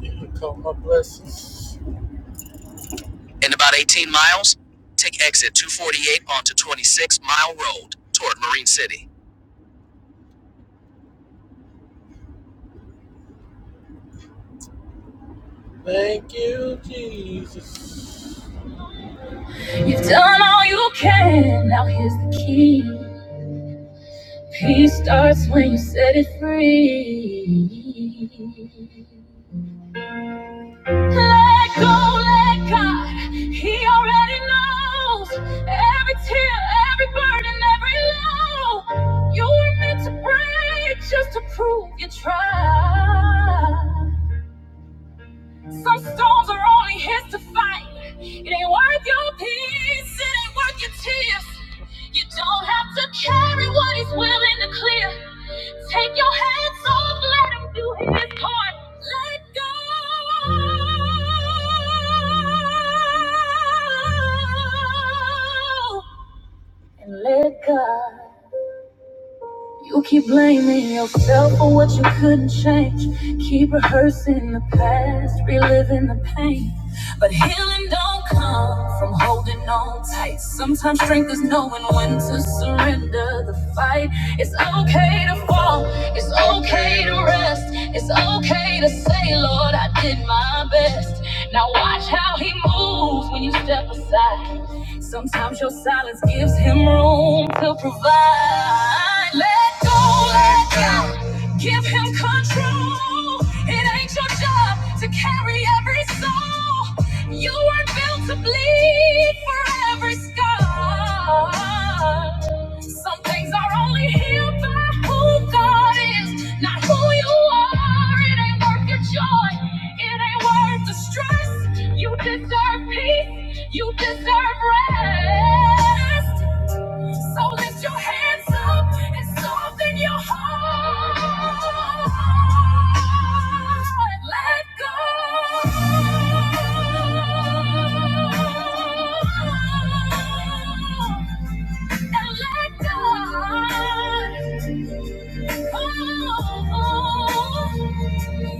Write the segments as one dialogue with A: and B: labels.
A: You Count my blessings. In about 18 miles, take exit 248 onto 26 Mile Road toward Marine City. Thank you, Jesus. You've done all you can, now here's the key. Peace starts when you set it free. Let go, let God. He already knows every tear, every burden, every low. You were meant to break just to prove you tried. Some storms are only his to fight. It ain't worth your peace, it ain't worth your tears. You don't have to carry what he's willing to clear. Take your hands off, let him do his part. Let go. And let God. You keep blaming yourself for what you couldn't change. Keep rehearsing the past, reliving the pain. But healing don't come from holding on tight. Sometimes strength is knowing when to surrender the fight. It's okay to fall, it's okay to rest. It's okay to say, Lord, I did my best. Now watch how He moves when you step aside. Sometimes your silence gives him room to provide. Let go, let go. Give him control. It ain't your job to carry every soul. You weren't built to bleed for every scar. Some things are only healed by who God is, not who you are. It ain't worth your joy. It ain't worth the stress. You deserve peace. You deserve rest. So lift your hands up and soften your heart. Let go. And let God.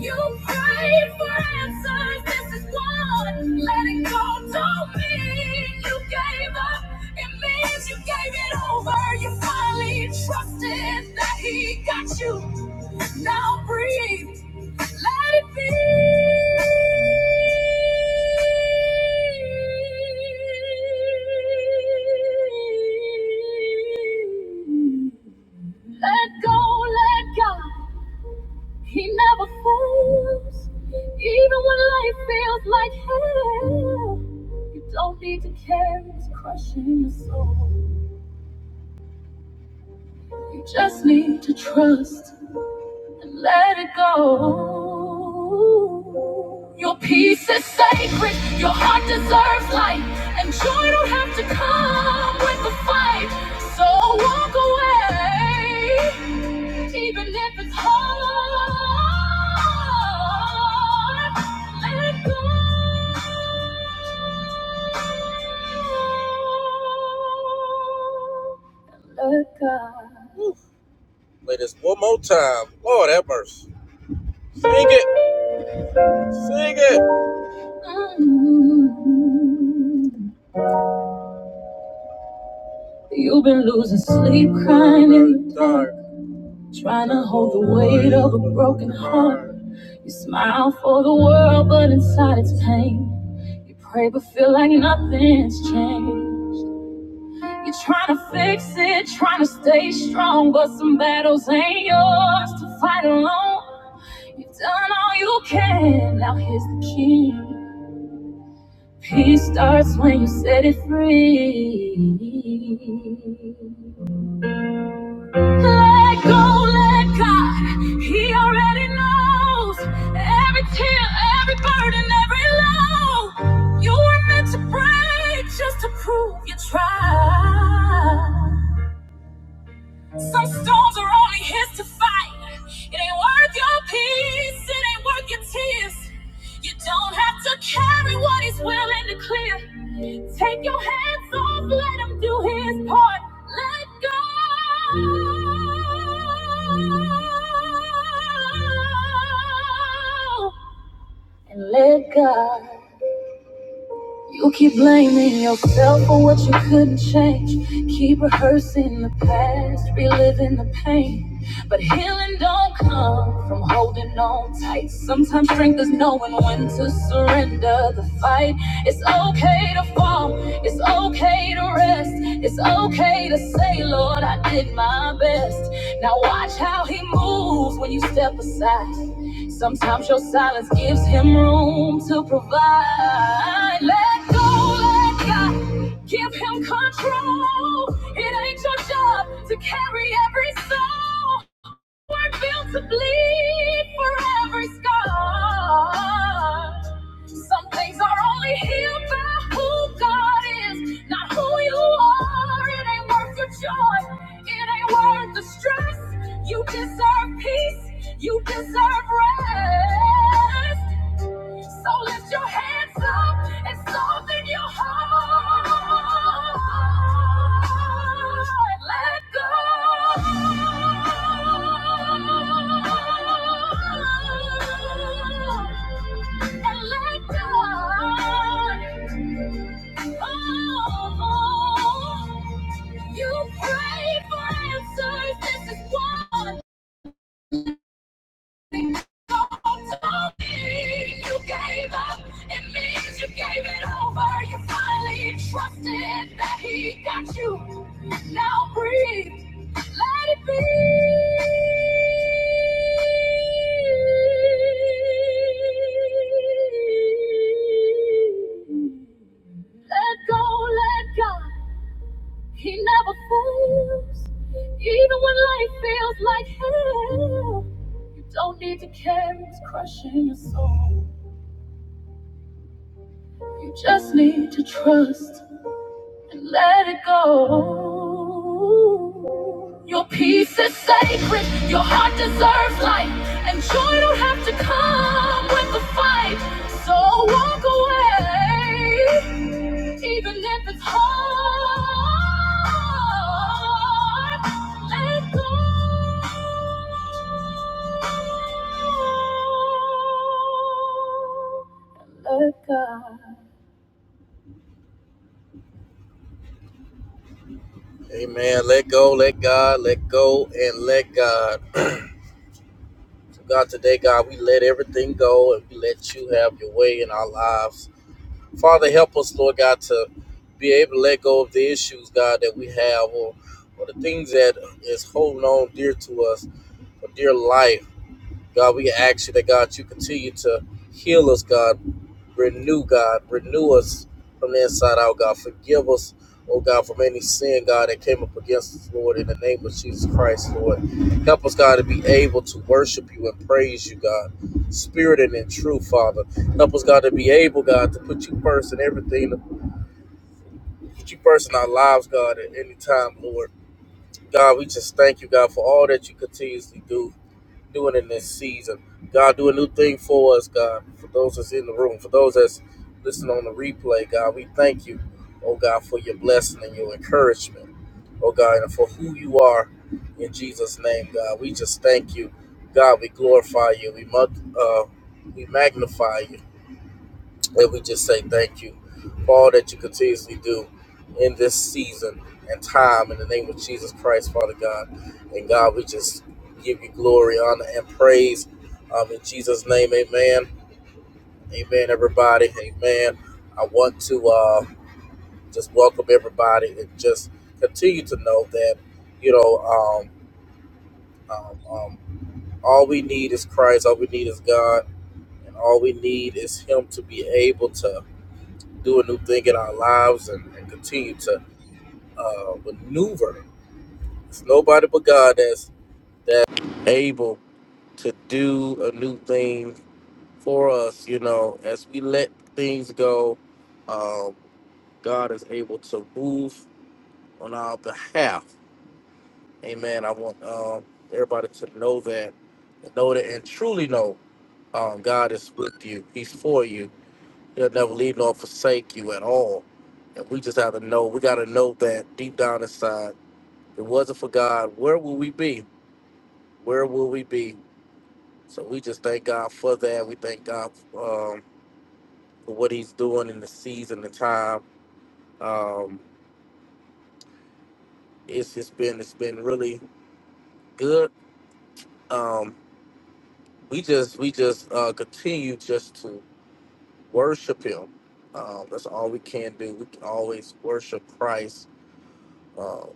A: You prayed for answers, this is one. Letting go don't mean you gave up. It means you gave it over. You finally trusted that he got you. Now breathe, let it be. Let go, let God. He never fails. Even when life feels like hell, you don't need to care. It's crushing your soul. You just need to trust. Let it go. Your peace is sacred. Your heart deserves light. And joy don't have to come with a fight. So walk away, even if it's hard. Let it go. Let God. Play this one more time. Lord have mercy. Sing it. Sing it. You've been losing sleep, crying in the dark, trying to hold the weight of a broken heart. You smile for the world, but inside it's pain. You pray, but feel like nothing's changed. You're trying to fix it, trying to stay strong, but some battles ain't yours to fight alone. You've done all you can, now here's the key. Peace starts when you set it free. Let go, let God. He already knows every tear, every burden, every low. You were meant to break just to prove you tried. Some storms are only his to fight. It ain't worth your peace, it ain't worth your tears. You don't have to carry what he's willing to clear. Take your hands off, let him do his part. Let go. And let God. You keep blaming yourself for what you couldn't change. Keep rehearsing the past, reliving the pain. But healing don't come from holding on tight. Sometimes strength is knowing when to surrender the fight. It's okay to fall, it's okay to rest. It's okay to say, Lord, I did my best. Now watch how He moves when you step aside. Sometimes your silence gives him room to provide. Let go, let God give him control. It ain't your job to carry every soul. We're built to bleed for every scar. Some things are only healed by who God is, not who you are. It ain't worth your joy. It ain't worth the stress. You deserve peace. You deserve rest. So lift your hands up and soften your heart. Let go. Oh, oh, oh, oh. you pray for answers. This is one. You gave up. It means you gave it over. You finally trusted that he got you. Now breathe. Let it be. Let go, let go. He never fails, even when life feels like hell. You don't need to care, it's crushing your soul. You just need to trust. and let it go. Your peace is sacred, your heart deserves light, and joy don't have to come with the fight. So walk away, even if it's hard. Let go. Let God. Amen. Let go, let God, let go, and let God. So, God, today, God, we let everything go and we let you have your way in our lives. Father, help us, Lord God, to be able to let go of the issues, God, that we have or, or the things that is holding on dear to us, or dear life. God, we ask you that God, you continue to heal us, God, renew, God, renew us from the inside out, God. Forgive us, oh God, from any sin, God, that came up against us, Lord, in the name of Jesus Christ, Lord. Help us, God, to be able to worship you and praise you, God, spirit and in truth, Father. Help us, God, to be able, God, to put you first in everything, to put you first in our lives, God, at any time, Lord. God, we just thank you, God, for all that you continuously do doing in this season. God, do a new thing for us, God. For those that's in the room, for those that's listening on the replay, God, we thank you, oh God, for your blessing and your encouragement, oh God, and for who you are in Jesus' name, God. We just thank you, God. We glorify you. We must. uh, we magnify you. And we just say thank you for all that you continuously do in this season and time in the name of Jesus Christ, Father God. And God, we just give you glory, honor, and praise. Um, in Jesus' name, amen. Amen, everybody. Amen. I want to uh, just welcome everybody and just continue to know that, you know, um, um, um, all we need is Christ, all we need is God, and all we need is Him to be able to do a new thing in our lives and, and continue to uh, maneuver. It's nobody but God that's that's able to do a new thing for us. You know, as we let things go, um, God is able to move on our behalf. Amen. I want um, everybody to know that, know that, and truly know um, God is with you. He's for you He'll never leave nor forsake you at all. And we just have to know, we got to know that deep down inside, if it wasn't for God, where would we be? Where would we be? So we just thank God for that. We thank God um, for what He's doing in the season, the time. Um, it's just been it's been really good. Um, we just we just uh, continue just to worship Him. Um, that's all we can do. We can always worship Christ um,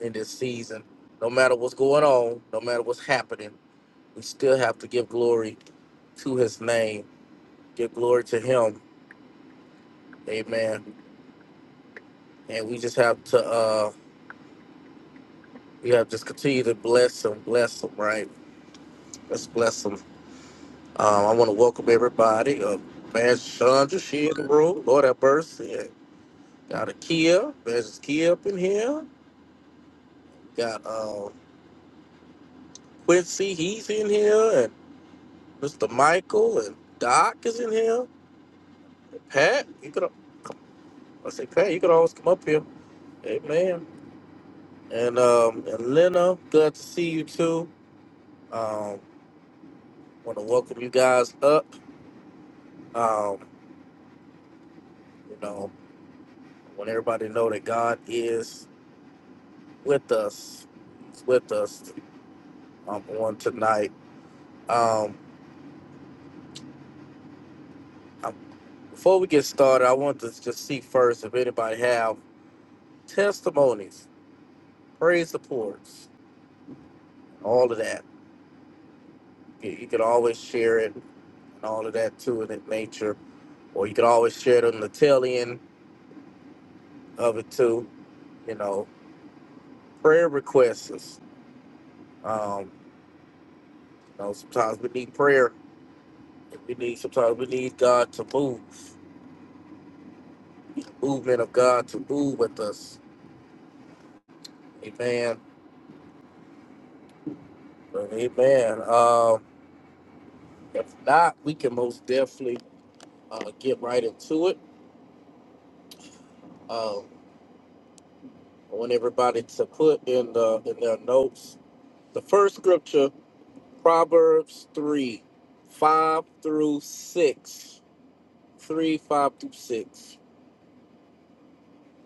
A: in this season. No matter what's going on, no matter what's happening, we still have to give glory to His name, give glory to Him. Amen. And we just have to, uh, we have to just continue to bless Him, bless Him, right? Let's bless Him. Um, I want to welcome everybody. Uh, Man, Chandra, she in the room. Lord have mercy. And Got Akia, there's Kia up in here. Got uh, Quincy, he's in here, and Mr. Michael and Doc is in here. Pat, you could I say Pat, you could always come up here. Amen. And um and Lena, good to see you too. Um wanna welcome you guys up. Um, you know, want everybody to know that God is with us. He's with us um on tonight. Um um, before we get started, I want to just see first if anybody have testimonies, praise reports, all of that. You you can always share it and all of that too in that nature or you can always share the Natalian of it too. You know, prayer requests. is, Um, you know, sometimes we need prayer. We need sometimes we need God to move, The movement of God to move with us. Amen. Amen. Um, if not, we can most definitely uh, get right into it. Um, I want everybody to put in the in their notes the first scripture, Proverbs three, five through six. 3, 5 through 6.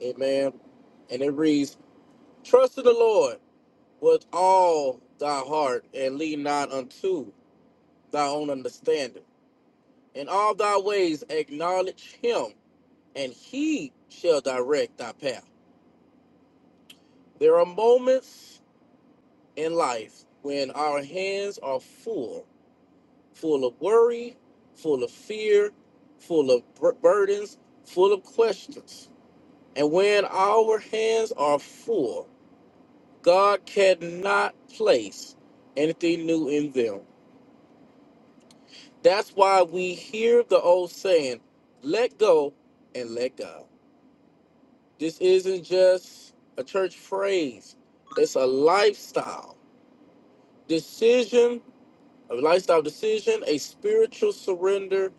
A: Amen. And it reads, Trust in the Lord with all thy heart, and lean not unto thy own understanding. In all thy ways acknowledge him, and he shall direct thy path. There are moments in life when our hands are full, full of worry, full of fear, full of bur- burdens, full of questions. And when our hands are full, God cannot place anything new in them. That's why we hear the old saying, let go and let God. This isn't just a church phrase, it's a lifestyle decision, a lifestyle decision, a spiritual surrender,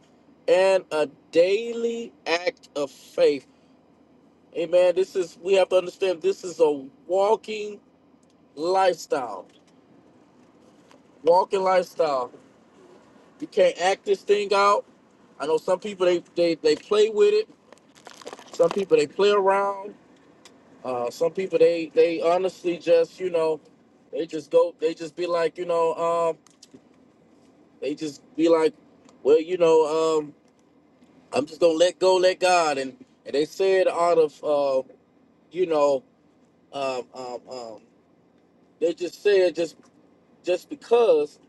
A: and a daily act of faith. Amen. This is, we have to understand this is a walking lifestyle. Walking lifestyle. You can't act this thing out. I know some people they they, they play with it. Some people they play around. Uh, some people they they honestly just you know they just go they just be like you know um they just be like well you know um I'm just gonna let go let God and and they say it out of uh, you know um, um um they just say it just just because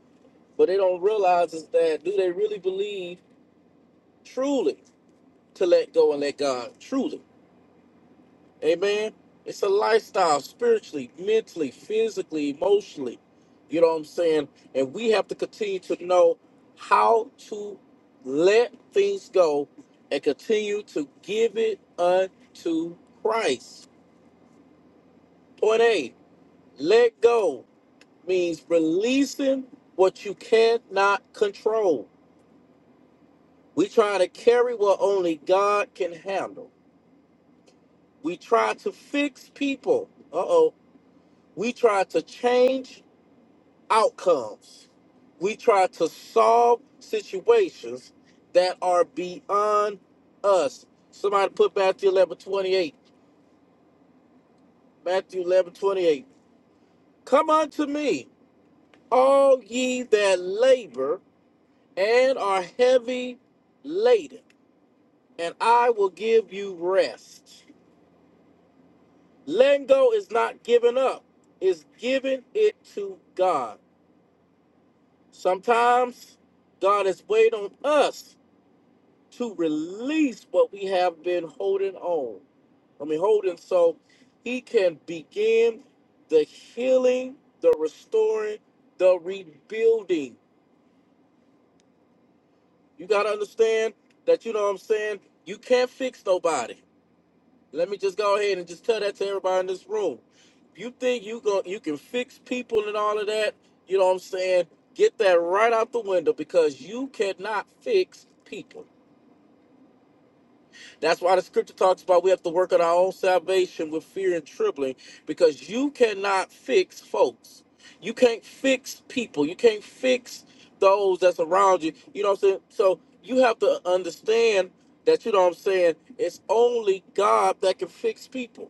A: but they don't realize is that do they really believe truly to let go and let God truly Amen. It's a lifestyle spiritually, mentally, physically, emotionally. You know what I'm saying? And we have to continue to know how to let things go and continue to give it unto Christ. Point A, let go means releasing what you cannot control. We try to carry what only God can handle. We try to fix people. Uh oh. We try to change outcomes. We try to solve situations that are beyond us. Somebody put Matthew 11 28. Matthew 11 28. Come unto me, all ye that labor and are heavy laden, and I will give you rest. Letting go is not giving up, it's giving it to God. Sometimes God is waiting on us to release what we have been holding on. I mean, holding so he can begin the healing, the restoring, the rebuilding. You got to understand that, you know what I'm saying? You can't fix nobody. Let me just go ahead and just tell that to everybody in this room. You think you go, you can fix people and all of that, you know what I'm saying? Get that right out the window because you cannot fix people. That's why the scripture talks about we have to work on our own salvation with fear and trembling because you cannot fix folks. You can't fix people. You can't fix those that's around you. You know what I'm saying? So you have to understand that, you know what I'm saying? It's only God that can fix people.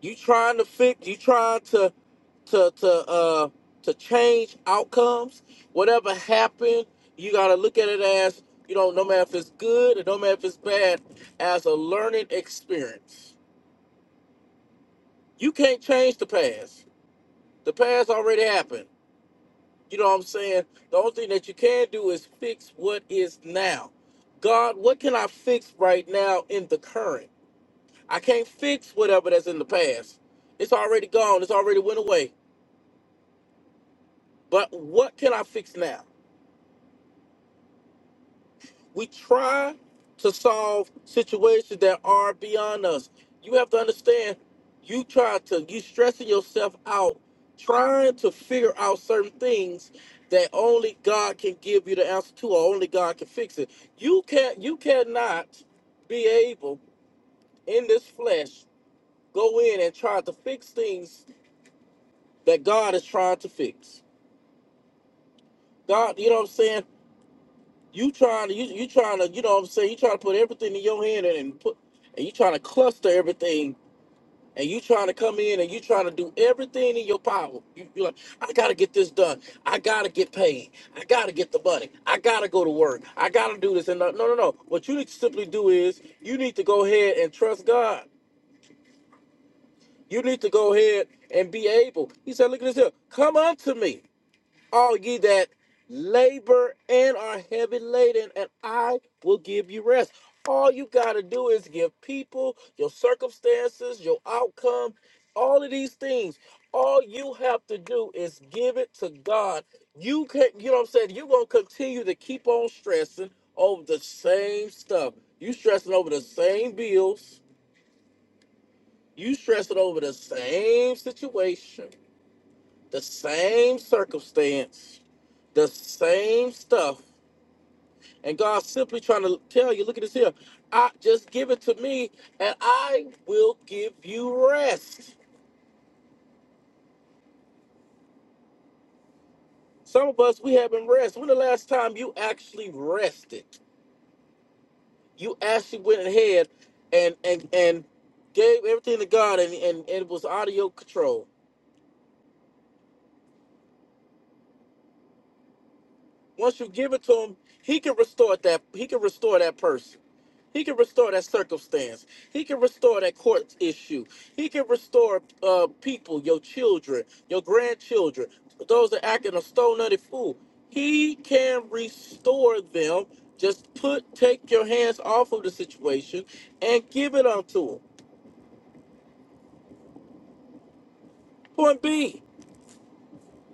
A: You trying to fix? You trying to to to uh to change outcomes? Whatever happened, you gotta look at it as you know, no matter if it's good or no matter if it's bad, as a learning experience. You can't change the past. The past already happened. You know what I'm saying? The only thing that you can do is fix what is now. God, what can I fix right now in the current? I can't fix whatever that's in the past. It's already gone. It's already went away. But what can I fix now? We try to solve situations that are beyond us. You have to understand, you try to, you stressing yourself out, trying to figure out certain things that only God can give you the answer to, or only God can fix it. You can't, you cannot be able in this flesh go in and try to fix things that God is trying to fix. God, you know what I'm saying? you trying to you, you trying to you know what I'm saying you trying to put everything in your hand and, and put and you trying to cluster everything and you trying to come in and you trying to do everything in your power. You, you're like, I gotta get this done. I gotta get paid. I gotta get the money. I gotta go to work. I gotta do this. And no, no, no. no. What you need to simply do is you need to go ahead and trust God. You need to go ahead and be able. He said, look at this here. Come unto me all ye that labor and are heavy laden, and I will give you rest. All you got to do is give people, your circumstances, your outcome, all of these things. All you have to do is give it to God. You can, you know what I'm saying? You're going to continue to keep on stressing over the same stuff. You stressing over the same bills. You stressing over the same situation the same circumstance, the same stuff. And God's simply trying to tell you, look at this here. I just give it to me and I will give you rest. Some of us we haven't rest. When the last time you actually rested? You actually went ahead and and and gave everything to God and, and, and it was out of your control. Once you give it to him, he can restore that. He can restore that person. He can restore that circumstance. He can restore that court issue. He can restore uh, people, your children, your grandchildren, those that acting a stone nutty fool. He can restore them. Just put take your hands off of the situation and give it unto him. Point B,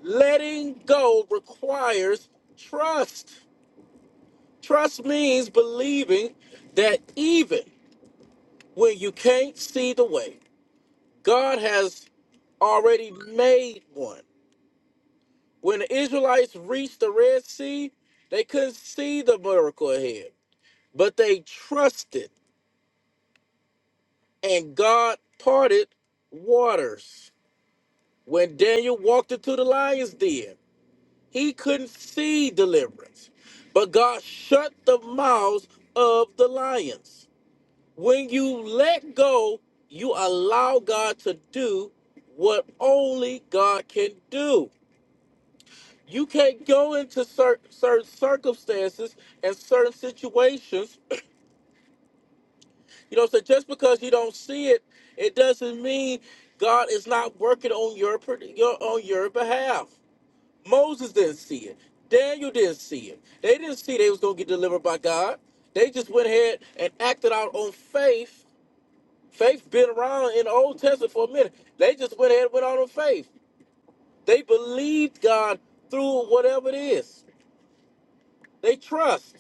A: letting go requires trust. Trust means believing that even where you can't see the way. God has already made one. When the Israelites reached the Red Sea, they couldn't see the miracle ahead, but they trusted, and God parted waters. When Daniel walked into the lion's den, he couldn't see deliverance, but God shut the mouths of the lions. When you let go, you allow God to do what only God can do. You can't go into cer- certain circumstances and certain situations. You know, so just because you don't see it, it doesn't mean God is not working on your, per- your on your behalf. Moses didn't see it. Daniel didn't see it. They didn't see they was gonna get delivered by God. They just went ahead and acted out on faith Faith been around in the Old Testament for a minute. They just went ahead and went on with faith. They believed God through whatever it is. They trust.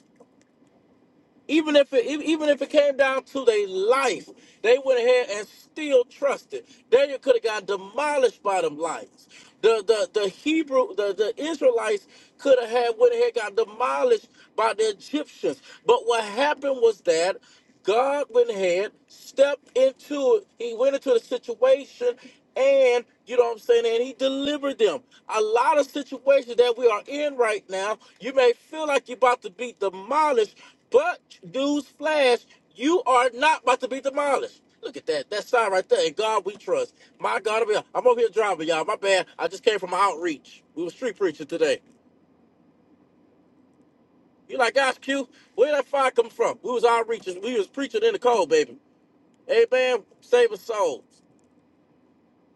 A: Even if it e- even if it came down to their life, they went ahead and still trusted. Daniel could have got demolished by them lions. The the the Hebrew the, the Israelites could have had went ahead and got demolished by the Egyptians. But what happened was that God went ahead, stepped into it. He went into the situation, and you know what I'm saying? And he delivered them. A lot of situations that we are in right now, you may feel like you're about to be demolished, but news flash, you are not about to be demolished. Look at that. That sign right there. In God we trust. My God, I'm over here driving, y'all. My bad. I just came from outreach. We were street preaching today. You like, gosh, Q, where did that fire come from? We was outreaching. We was preaching in the cold, baby. Amen. Save us souls.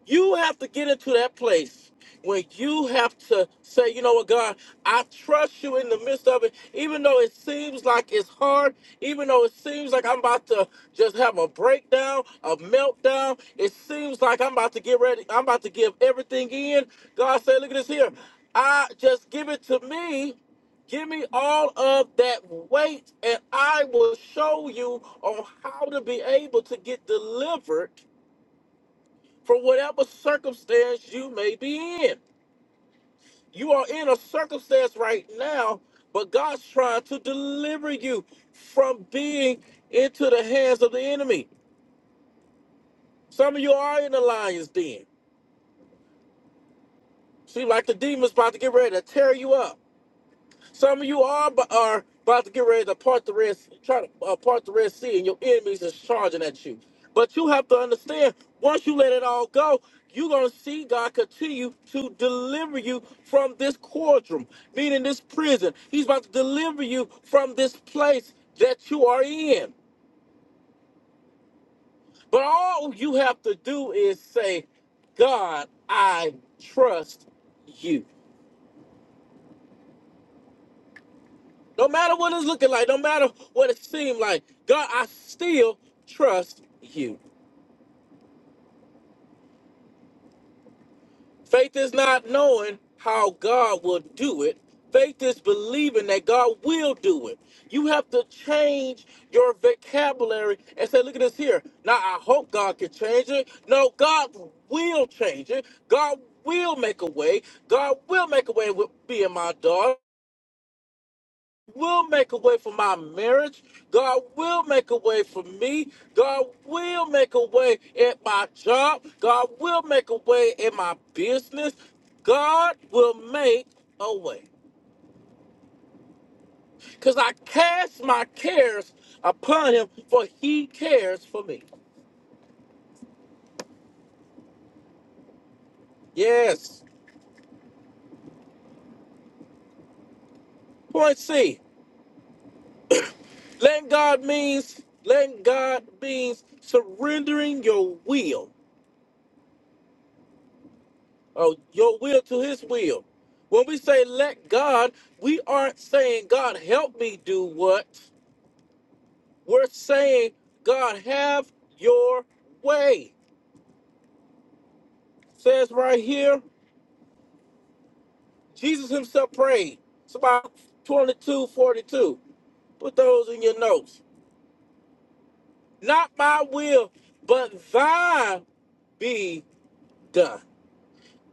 A: You have to get into that place when you have to say, you know what, God, I trust you in the midst of it, even though it seems like it's hard, even though it seems like I'm about to just have a breakdown, a meltdown. It seems like I'm about to get ready, I'm about to give everything in. God said, look at this here. I just give it to me. Give me all of that weight, and I will show you on how to be able to get delivered for whatever circumstance you may be in. You are in a circumstance right now, but God's trying to deliver you from being into the hands of the enemy. Some of you are in the lion's den. Seem like the demon's about to get ready to tear you up. Some of you are bu- are about to get ready to part the red, Sea, try to uh, part the red sea, and your enemies is charging at you. But you have to understand: once you let it all go, you're gonna see God continue to deliver you from this quadrum, meaning this prison. He's about to deliver you from this place that you are in. But all you have to do is say, "God, I trust you." No matter what it's looking like, no matter what it seems like, God, I still trust you. Faith is not knowing how God will do it. Faith is believing that God will do it. You have to change your vocabulary and say, look at this here. Now, I hope God can change it. No, God will change it. God will make a way. God will make a way with being my daughter. will make a way for my marriage. God will make a way for me. God will make a way at my job. God will make a way in my business. God will make a way. Because I cast my cares upon him, for he cares for me. Yes. Point C. Letting God means letting God means surrendering your will Oh, your will to his will. When we say let God, we aren't saying God help me do what. We're saying God have your way. Says right here, Jesus himself prayed. It's about 22, 42. Put those in your notes. Not my will, but thy be done.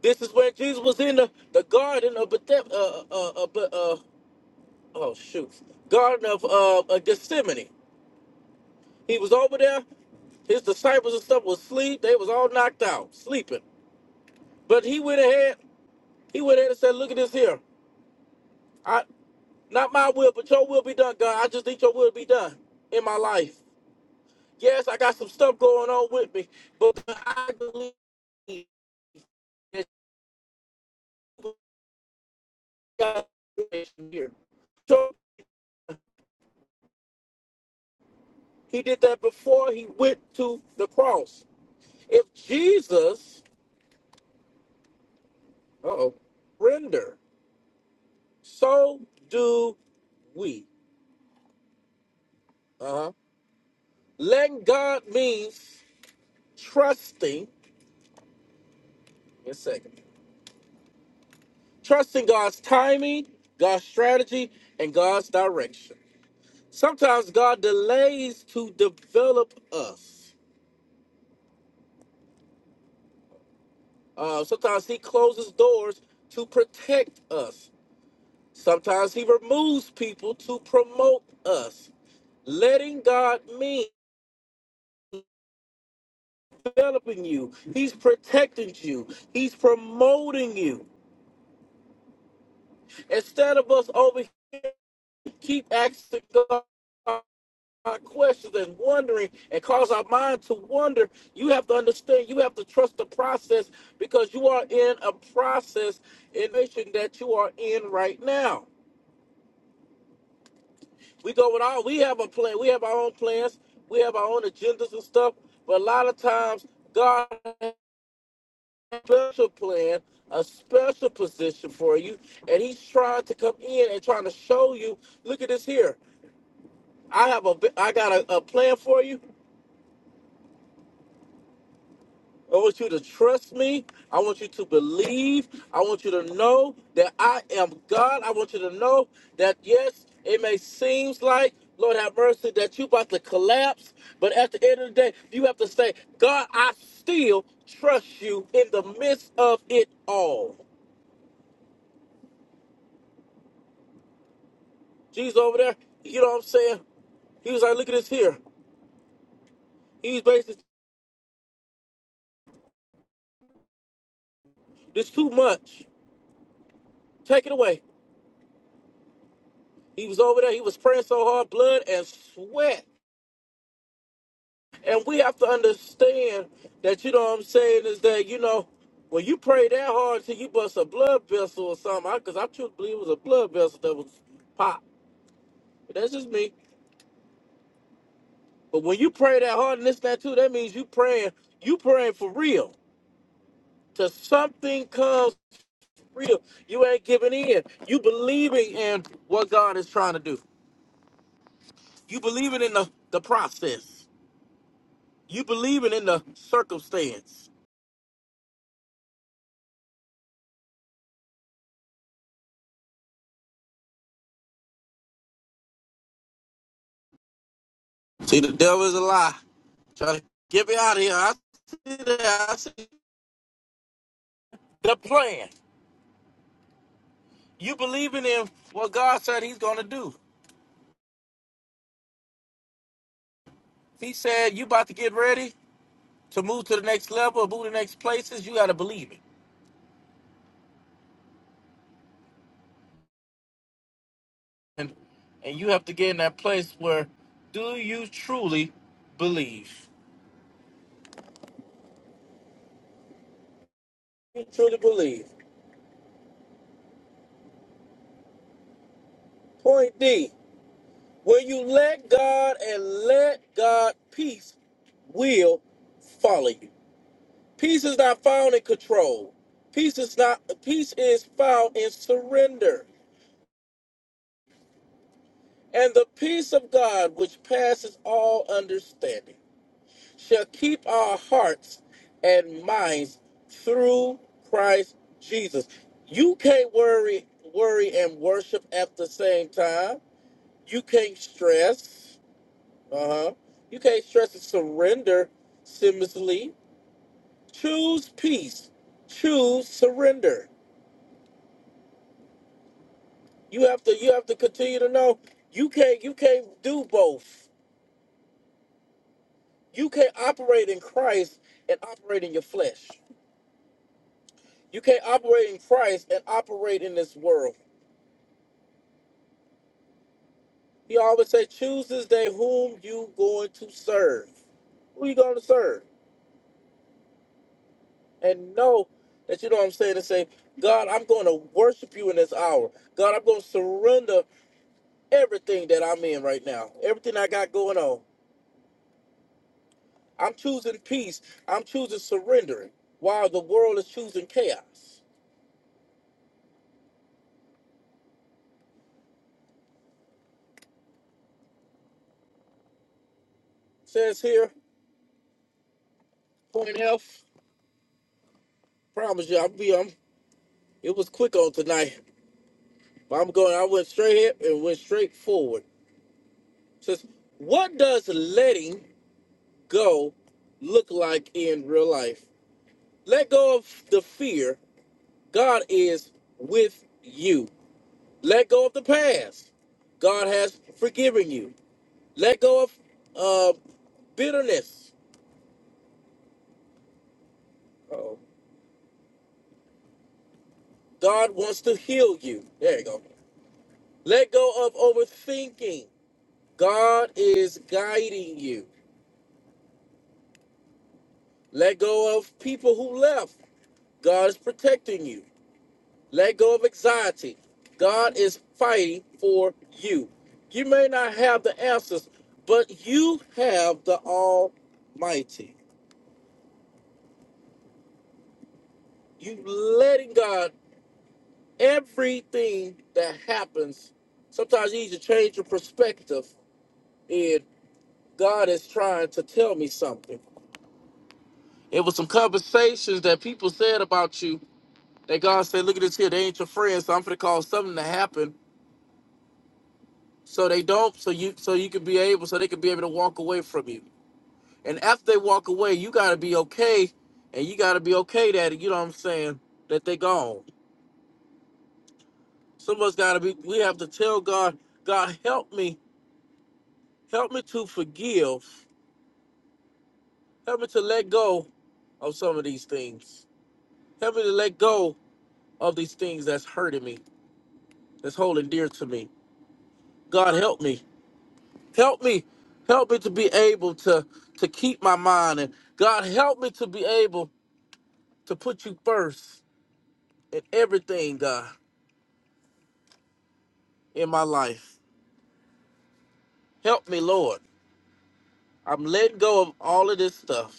A: This is when Jesus was in the, the garden of Bethesda, uh, uh, uh, uh, oh shoot, Garden of uh, uh, Gethsemane. He was over there. His disciples and stuff was asleep. They was all knocked out, sleeping. But he went ahead. He went ahead and said, "Look at this here. I not my will, but your will be done, God. I just need your will to be done in my life. Yes, I got some stuff going on with me, but I believe that you got here. So he did that before he went to the cross. If Jesus, uh oh, render. So do we. Uh huh. Letting God means trusting, in a second, trusting God's timing, God's strategy, and God's direction. Sometimes God delays to develop us. Uh, sometimes He closes doors to protect us. Sometimes He removes people to promote us. Letting God mean developing you. He's protecting you. He's promoting you. Instead of us over here keep asking God questions and wondering and cause our mind to wonder, you have to understand, you have to trust the process because you are in a process in the nation that you are in right now. We go with all we have a plan, we have our own plans, we have our own agendas and stuff, but a lot of times God has a special plan, a special position for you, and He's trying to come in and trying to show you. Look at this here. I have a bi- I got a, a plan for you. I want you to trust me. I want you to believe. I want you to know that I am God. I want you to know that yes, it may seem like Lord have mercy that you about to collapse, but at the end of the day, you have to say, God, I still trust you in the midst of it all. Jesus over there, you know what I'm saying? He was like, look at this here. He's basically, this too much. Take it away. He was over there. He was praying so hard, blood and sweat. And we have to understand that, you know what I'm saying, is that, you know, when you pray that hard till you bust a blood vessel or something, because I, 'cause I truly believe it was a blood vessel that was popped. But that's just me. But when you pray that hard and this, that, too, that means you praying, you praying for real. Till something comes real. You ain't giving in. You believing in what God is trying to do. You believing in the, the process. You believing in the circumstance. See, the devil is a lie. Try to get me out of here. I see that. I see the plan. You believing in what God said He's going to do. He said you about to get ready to move to the next level, move to the next places. You got to believe it, and and you have to get in that place where do you truly believe? You truly believe. Point D: When you let God and let God, peace will follow you. Peace is not found in control. Peace is not peace is found in surrender. And the peace of God which passes all understanding shall keep our hearts and minds through Christ Jesus. You can't worry worry and worship at the same time. You can't stress. Uh-huh. You can't stress and surrender seamlessly. Choose peace. Choose surrender You have to you have to continue to know you can't you can't do both. You can't operate in Christ and operate in your flesh. You can't operate in Christ and operate in this world. He always say, choose this day whom you going to serve. Who you going to serve? And know that you know what I'm saying and say, God, I'm going to worship you in this hour. God, I'm going to surrender everything that I'm in right now, everything I got going on. I'm choosing peace. I'm choosing surrendering while the world is choosing chaos. Says here, point F. Promise you, I'll be um it was quick on tonight. But I'm going I went straight here and went straight forward. Says, what does letting go look like in real life? Let go of the fear. God is with you. Let go of the past. God has forgiven you. Let go of uh, bitterness. Uh-oh. God wants to heal you. There you go. Let go of overthinking. God is guiding you. Let go of people who left. God is protecting you. Let go of anxiety. God is fighting for you. You may not have the answers, but you have the Almighty. You letting God everything that happens. Sometimes you need to change your perspective and God is trying to tell me something. It was some conversations that people said about you that God said, "Look at this here. They ain't your friends, so I'm gonna cause something to happen, so they don't, so you, so you can be able, so they can be able to walk away from you. And after they walk away, you gotta be okay, and you gotta be okay that you know what I'm saying that they gone. Some of us gotta be. We have to tell God, God, help me, help me to forgive, help me to let go of some of these things, help me to let go of these things that's hurting me, that's holding dear to me. God help me. Help me. Help me to be able to to keep my mind and God help me to be able to put you first in everything, God, in my life. Help me, Lord. I'm letting go of all of this stuff,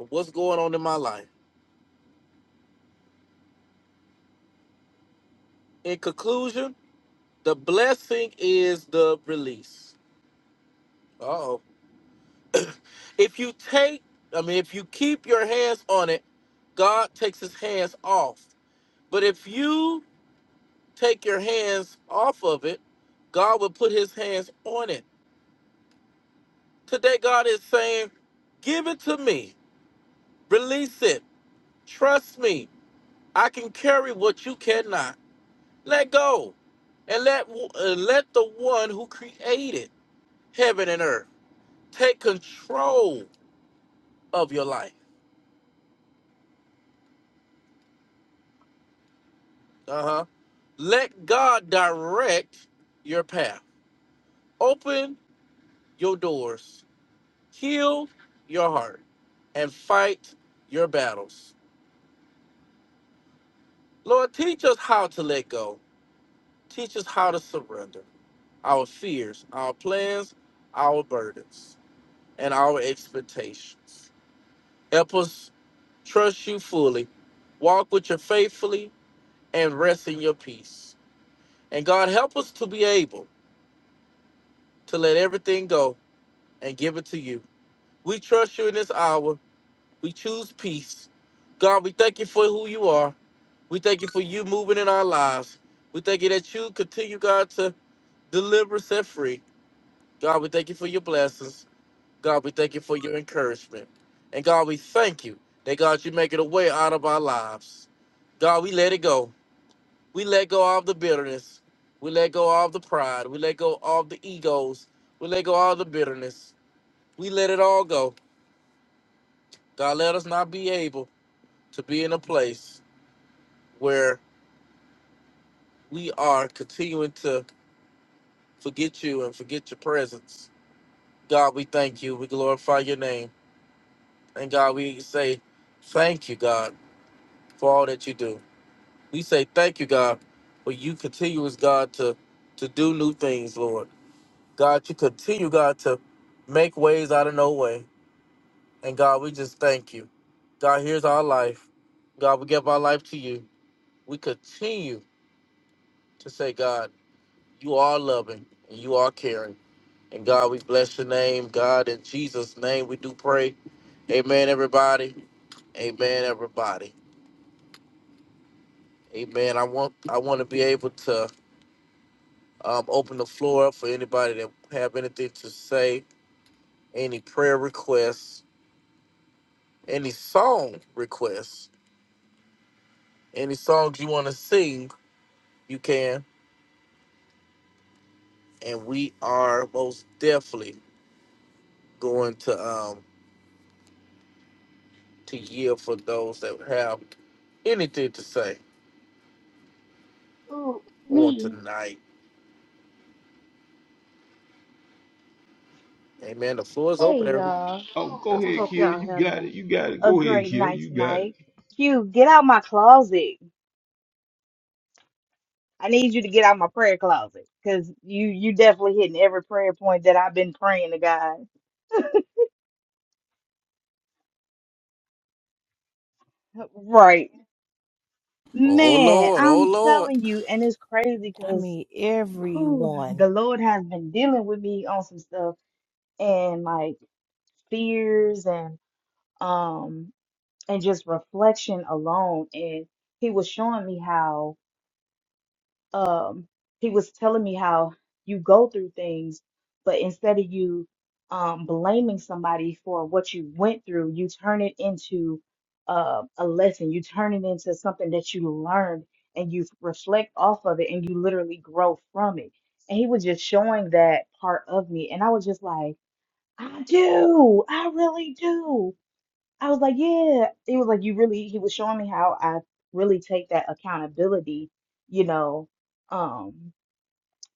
A: of what's going on in my life. In conclusion, the blessing is the release. Uh-oh. if you take, I mean, if you keep your hands on it, God takes his hands off. But if you take your hands off of it, God will put his hands on it. Today, God is saying, Give it to me, release it, trust me. I can carry what you cannot. Let go and let, uh, let the one who created heaven and earth take control of your life. Uh huh. Let God direct your path, open your doors Heal your heart and fight your battles. Lord, teach us how to let go. Teach us how to surrender our fears, our plans, our burdens, and our expectations. Help us trust you fully, walk with you faithfully, and rest in your peace. And God, help us to be able to let everything go and give it to you. We trust you in this hour. We choose peace. God, we thank you for who you are. We thank you for you moving in our lives. We thank you that you continue, God, to deliver us and free. God, we thank you for your blessings. God, we thank you for your encouragement. And God, we thank you that, God, you make it a way out of our lives. God, we let it go. We let go of the bitterness. We let go of the pride. We let go of the egos. We let go of the bitterness. We let it all go. God, let us not be able to be in a place. where we are continuing to forget you and forget your presence. God, we thank you. We glorify your name. And God, we say thank you, God, for all that you do. We say thank you, God, for you continue as God, to, to do new things, Lord. God, you continue, God, to make ways out of no way. And God, we just thank you. God, here's our life. God, we give our life to you. We continue to say, God, you are loving and you are caring. And God, we bless your name. God, in Jesus' name, we do pray. Amen, everybody. Amen, everybody. Amen. I want I want to be able to um, open the floor up for anybody that have anything to say, any prayer requests, any song requests, any songs you want to sing, you can. And we are most definitely going to um to yield for those that have anything to say
B: Ooh,
A: on
B: me.
A: tonight. Amen. The floor is open,
B: Hey,
A: everybody.
B: y'all.
C: Oh, go
B: I
C: ahead,
B: hope
C: Kia.
B: y'all
C: You
B: having
C: got it. You got it.
B: a, a
C: Go ahead,
B: great
C: Kia.
B: night
C: You got it.
B: tonight. Q, get out my closet. I need you to get out my prayer closet because you you definitely hitting every prayer point that I've been praying to God. Right.
A: Oh
B: Man,
A: Lord, oh
B: I'm
A: Lord.
B: telling you, and it's crazy
D: I
B: because
D: mean, everyone.
B: the Lord has been dealing with me on some stuff and like fears and um and just reflection alone. And he was showing me how um he was telling me how you go through things but instead of you um blaming somebody for what you went through you turn it into uh, a lesson you turn it into something that you learned and you reflect off of it and you literally grow from it and he was just showing that part of me and i was just like i do i really do I was like, yeah. It was like you really he was showing me how I really take that accountability, you know, um,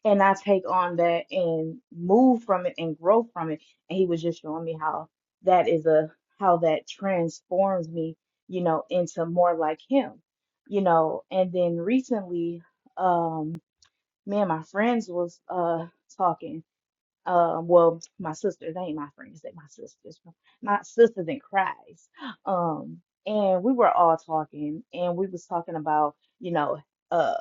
B: and I take on that and move from it and grow from it. And he was just showing me how that is a how that transforms me, you know, into more like him, you know. And then recently, um, me and my friends was uh talking um, well, my sisters, they ain't my friends, they my sisters, my sisters in Christ. Um, and we were all talking, and we was talking about, you know, uh,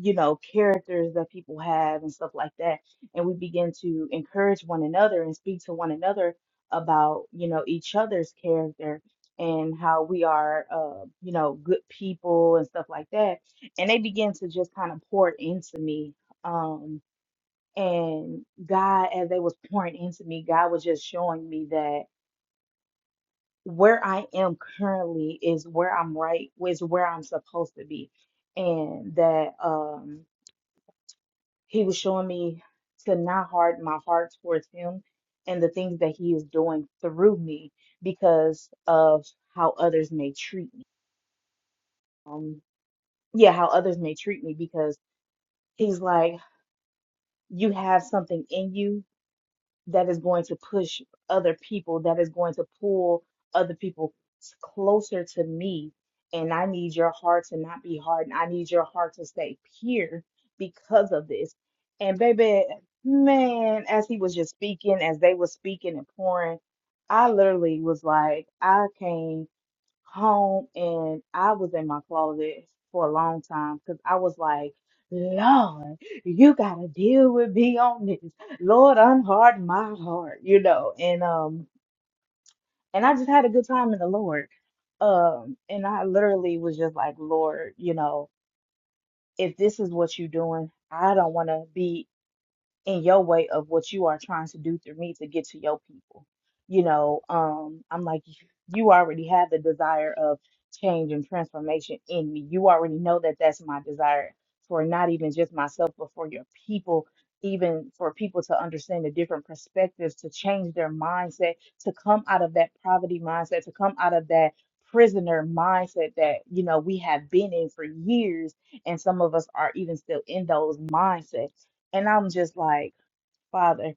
B: you know, characters that people have and stuff like that. And we begin to encourage one another and speak to one another about, you know, each other's character and how we are, uh, you know, good people and stuff like that. And they begin to just kind of pour into me. Um, and God, as they was pouring into me, God was just showing me that where I am currently is where I'm right, is where I'm supposed to be. And that um he was showing me to not harden my heart towards him and the things that he is doing through me because of how others may treat um yeah, how others may treat me because he's like, you have something in you that is going to push other people, that is going to pull other people s- closer to me. And I need your heart to not be hardened. I need your heart to stay pure because of this. And baby, man, as he was just speaking, as they were speaking and pouring, I literally was like, I came home and I was in my closet for a long time because I was like, Lord, you gotta deal with me on this. Lord, unharden my heart, you know. And um and I just had a good time in the Lord. Um and I literally was just like, Lord, you know, if this is what you're doing, I don't wanna be in your way of what you are trying to do through me to get to your people. You know, um, I'm like, you already have the desire of change and transformation in me. You already know that that's my desire for not even just myself, but for your people, even for people to understand the different perspectives, to change their mindset, to come out of that poverty mindset, to come out of that prisoner mindset that, you know, we have been in for years. And some of us are even still in those mindsets and I'm just like, Father,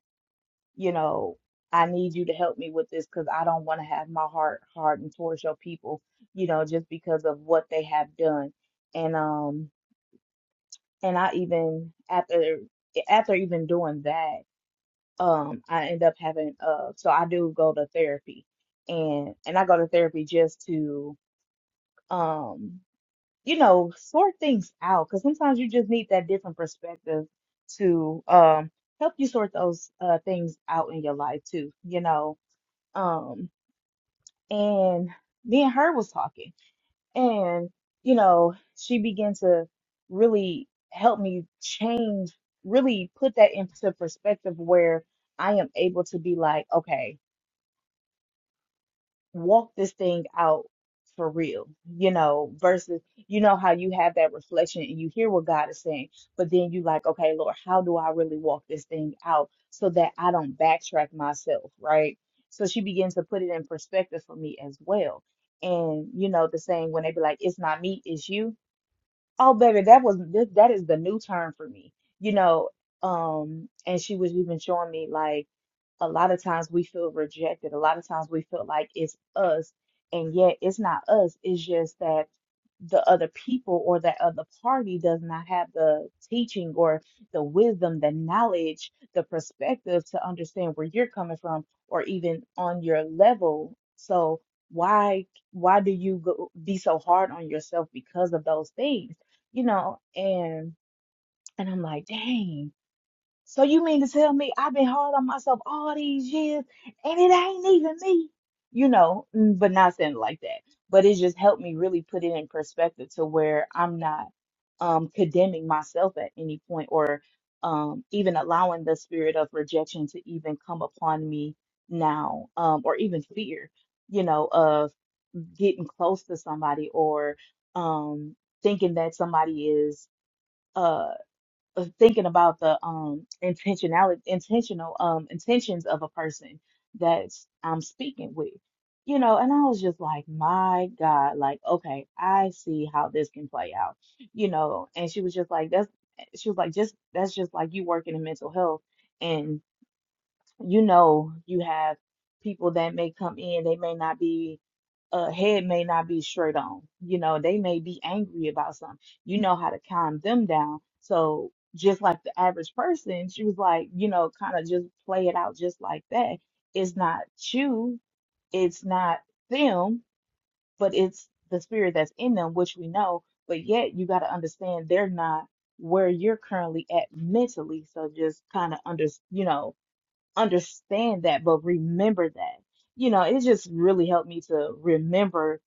B: you know, I need you to help me with this because I don't want to have my heart hardened towards your people, you know, just because of what they have done. And um, and I even after after even doing that, um, I end up having uh, so I do go to therapy, and and I go to therapy just to um you know, sort things out because sometimes you just need that different perspective to um help you sort those uh things out in your life too, you know. Um and me and her was talking and you know, she began to really help me change, really put that into perspective where I am able to be like, okay, walk this thing out for real, you know, versus, you know, how you have that reflection and you hear what God is saying, but then you like, okay, Lord, how do I really walk this thing out so that I don't backtrack myself, right? So she begins to put it in perspective for me as well. And, you know, the saying when they be like, it's not me, it's you. Oh, baby, that was this, that is the new term for me, you know. Um, and she was even showing me like, a lot of times we feel rejected. A lot of times we feel like it's us, and yet it's not us. It's just that the other people or that other party does not have the teaching or the wisdom, the knowledge, the perspective to understand where you're coming from or even on your level. So why why do you go, be so hard on yourself because of those things? You know, and and I'm like, dang. So you mean to tell me I've been hard on myself all these years and it ain't even me? You know, mm, but not saying it like that. But it just helped me really put it in perspective to where I'm not um condemning myself at any point or um even allowing the spirit of rejection to even come upon me now, um, or even fear, you know, of getting close to somebody or um thinking that somebody is uh, of thinking about the um intentionality intentional um intentions of a person that I'm speaking with. You know, and I was just like, my God, like, okay, I see how this can play out. You know, and she was just like, that's eh," she was like, just that's just like you working in mental health. and you know you have people that may come in they may not be uh head may not be straight on you know they may be angry about something you know how to calm them down so just like the average person she was like you know kind of just play it out just like that it's not you it's not them but it's the spirit that's in them which we know but yet you got to understand they're not where you're currently at mentally so just kind of under you know understand that, but remember that. You know, it just really helped me to remember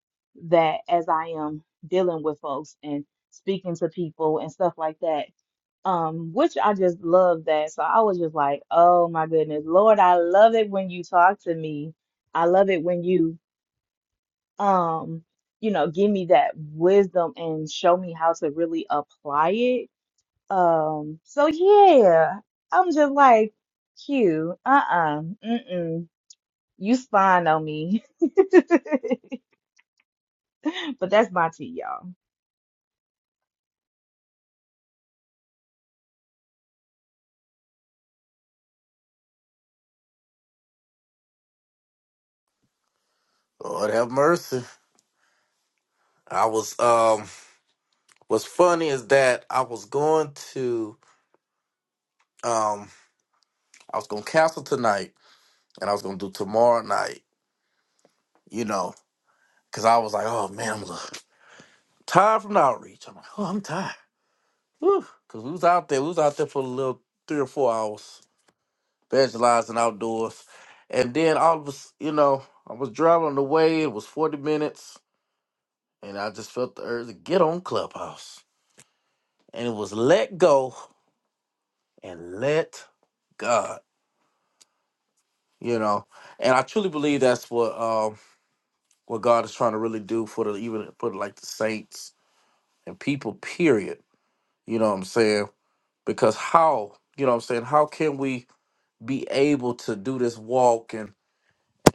B: that as I am dealing with folks and speaking to people and stuff like that. Um, which I just love that. So I was just like, oh my goodness, Lord, I love it when you talk to me. I love it when you um, you know, give me that wisdom and show me how to really apply it. Um, so yeah, I'm just like, Q, uh-uh, mm-mm. You spying on me. But that's my tea, y'all.
A: Lord have mercy. I was um what's funny is that I was going to um I was gonna cancel tonight and I was gonna do tomorrow night, you know, cause I was like, oh man, I'm tired from the outreach. I'm like, oh I'm tired. Whew. Cause we was out there, we was out there for a little three or four hours, evangelizing outdoors. And then I was, you know, I was driving on the way, it was 40 minutes, and I just felt the urge to get on Clubhouse. and it was let go and let God, you know. And I truly believe that's what um what God is trying to really do for the even for like the saints and people, period. You know what I'm saying? Because how, you know what I'm saying, how can we be able to do this walk and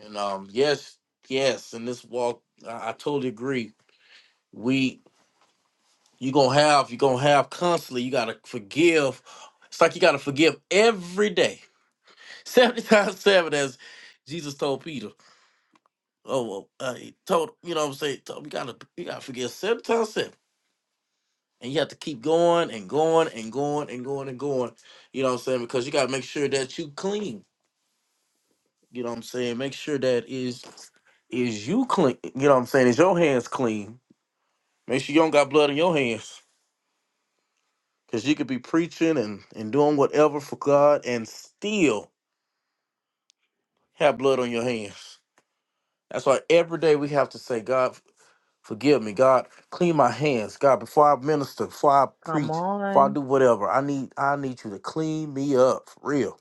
A: and um yes, yes, and this walk I, I totally agree. We you gonna have you gonna have constantly, you gotta forgive. It's like you gotta forgive every day 70 times 7 as Jesus told Peter. Oh, well, uh, he told, you know what I'm saying? Told, him, you gotta you gotta forgive 70 times 7. And you have to keep going and going and going and going and going. You know what I'm saying? Because you gotta make sure that you clean. You know what I'm saying? Make sure that is is you clean. You know what I'm saying? Is your hands clean? Make sure you don't got blood in your hands. Cause you could be preaching and, and doing whatever for God and still have blood on your hands. That's why every day we have to say, God, Forgive me, God. Clean my hands, God. Before I minister, before I
B: Come
A: preach, before I
B: on.
A: do whatever, I need I need you to clean me up for real.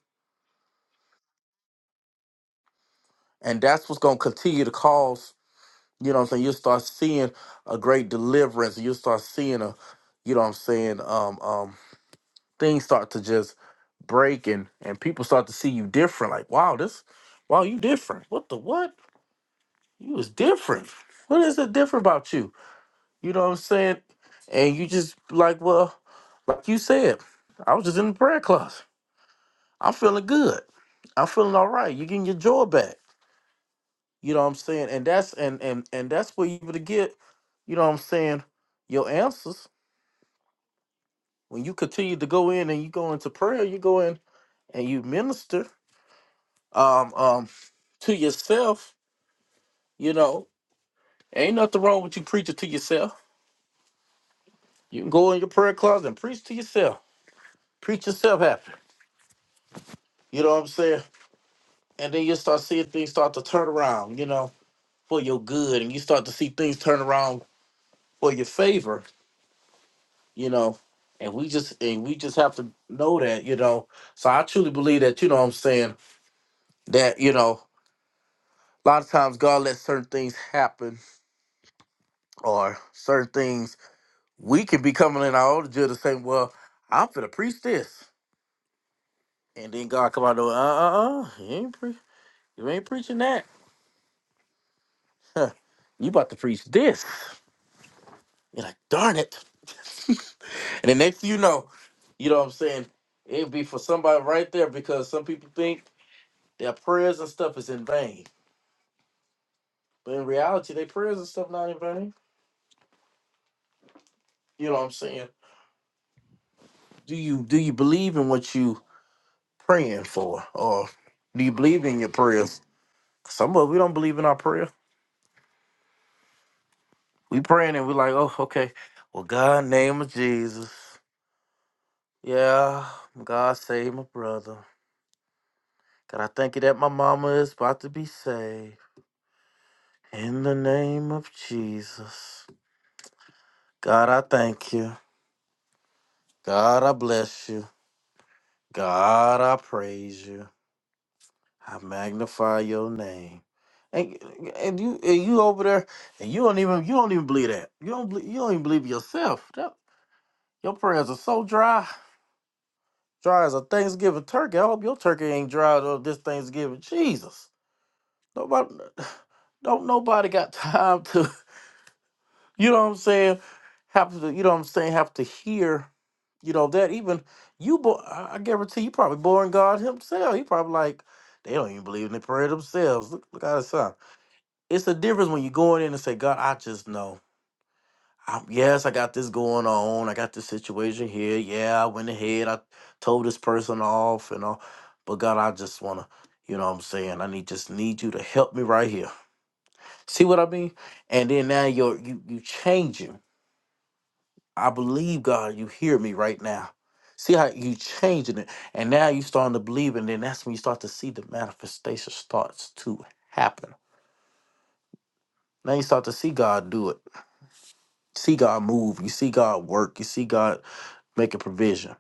A: And that's what's gonna continue to cause. You know what I'm saying? You'll start seeing a great deliverance. You'll start seeing a, you know what I'm saying? Um, um, things start to just break and and people start to see you different. Like, wow, this, wow, you different. What the what? You was different. What is it different about you? You know what I'm saying? And you just like, well, like you said, I was just in the prayer closet. I'm feeling good. I'm feeling all right. You're getting your joy back. You know what I'm saying? And that's and and and that's where you able to get, you know what I'm saying, your answers. When you continue to go in and you go into prayer, you go in and you minister um um to yourself, you know. Ain't nothing wrong with you preaching to yourself. You can go in your prayer closet and preach to yourself. Preach yourself happy. You know what I'm saying? and then you start seeing things start to turn around, you know, for your good, and you start to see things turn around for your favor, you know. And we just and we just have to know that, you know. So I truly believe that, you know what I'm saying, that, you know, a lot of times God lets certain things happen or certain things we can be coming in our own judge and saying, Well, I'm finna preach this. And then God come out and go, uh uh uh, you ain't pre- you ain't preaching that. Huh. You about to preach this. You're like, darn it. And the next thing you know, you know what I'm saying? It'd be for somebody right there because some people think their prayers and stuff is in vain. But in reality, their prayers and stuff not in vain. You know what I'm saying? Do you do you believe in what you praying for? Or do you believe in your prayers? Some of us we don't believe in our prayer. We praying and we like, oh, okay. Well, God, name of Jesus. Yeah, God save my brother. God, I thank you that my mama is about to be saved. In the name of Jesus. God, I thank you. God, I bless you. God, I praise you. I magnify your name. And, and you and you over there and you don't even you don't even believe that. You don't believe, you don't even believe yourself. That- your prayers are so dry. Dry as a Thanksgiving turkey. I hope your turkey ain't dry though this Thanksgiving. Jesus. Nobody don't nobody got time to You know what I'm saying? Have to, you know what I'm saying? Have to hear, you know that even you, bo- I I guarantee you probably born God Himself. He probably like they don't even believe in the prayer themselves. Look, look how it sounds. It's a difference when you are going in and say, God, I just know. I, yes, I got this going on. I got this situation here. Yeah, I went ahead. I told this person off and all, but God, I just wanna, you know what I'm saying? I need just need you to help me right here. See what I mean? And then now you're you you changing. I believe God, you hear me right now. See how you changing it. And now you starting to believe, and then that's when you start to see the manifestation starts to happen. Now you start to see God do it. See God move. You see God work. You see God make a provision.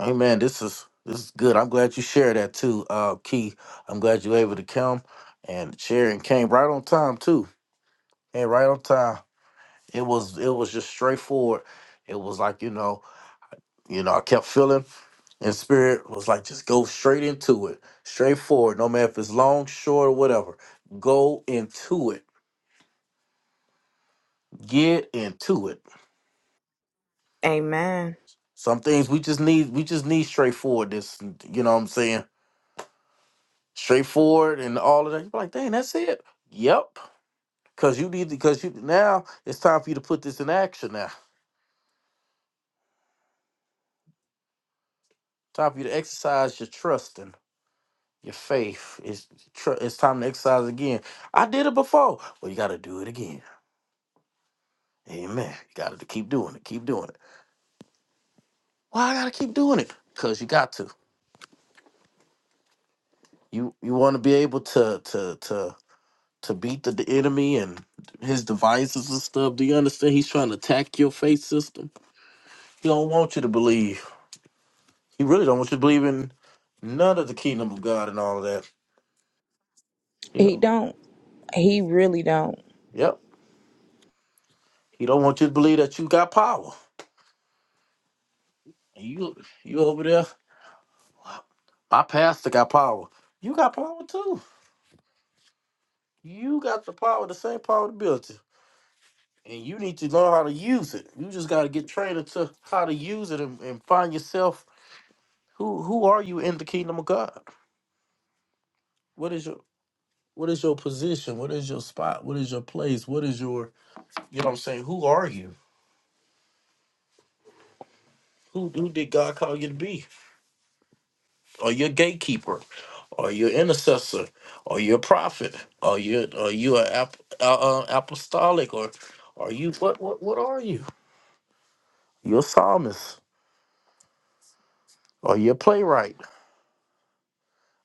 A: Amen. This is this is good. I'm glad you shared that too, uh, Key. I'm glad you were able to come and share and came right on time too. And right on time. It was it was just straightforward. It was like, you know, you know, I kept feeling. And spirit was like, just go straight into it, straight forward. No matter if it's long, short, or whatever. Go into it. Get into it.
B: Amen.
A: Some things we just need, we just need straightforwardness. You know what I'm saying? Straightforward and all of that. You're like, dang, that's it. Yep. Cause you need because you now it's time for you to put this in action now. Time for you to exercise your trust and your faith. It's tr- it's time to exercise again. I did it before. Well, you gotta do it again. Amen. You gotta keep doing it. Keep doing it. Why I gotta keep doing it? Cause you got to. You you want to be able to to to to beat the, the enemy and his devices and stuff. Do you understand? He's trying to attack your faith system. He don't want you to believe. He really don't want you to believe in none of the kingdom of God and all of that. You
B: He
A: know.
B: don't. He really don't.
A: Yep. He don't want you to believe that you got power. You you over there. My pastor got power. You got power too. You got the power, the same power to build and you need to learn how to use it. You just got to get trained to how to use it and, and find yourself. Who who are you in the kingdom of God? What is your what is your position? What is your spot? What is your place? What is your you know what I'm saying? Who are you? Who who did God call you to be? Are you a gatekeeper? Are you an intercessor? Are you a prophet? Are you are you an ap, uh, uh, apostolic or are you what what what are you? You're a psalmist. Are you a playwright?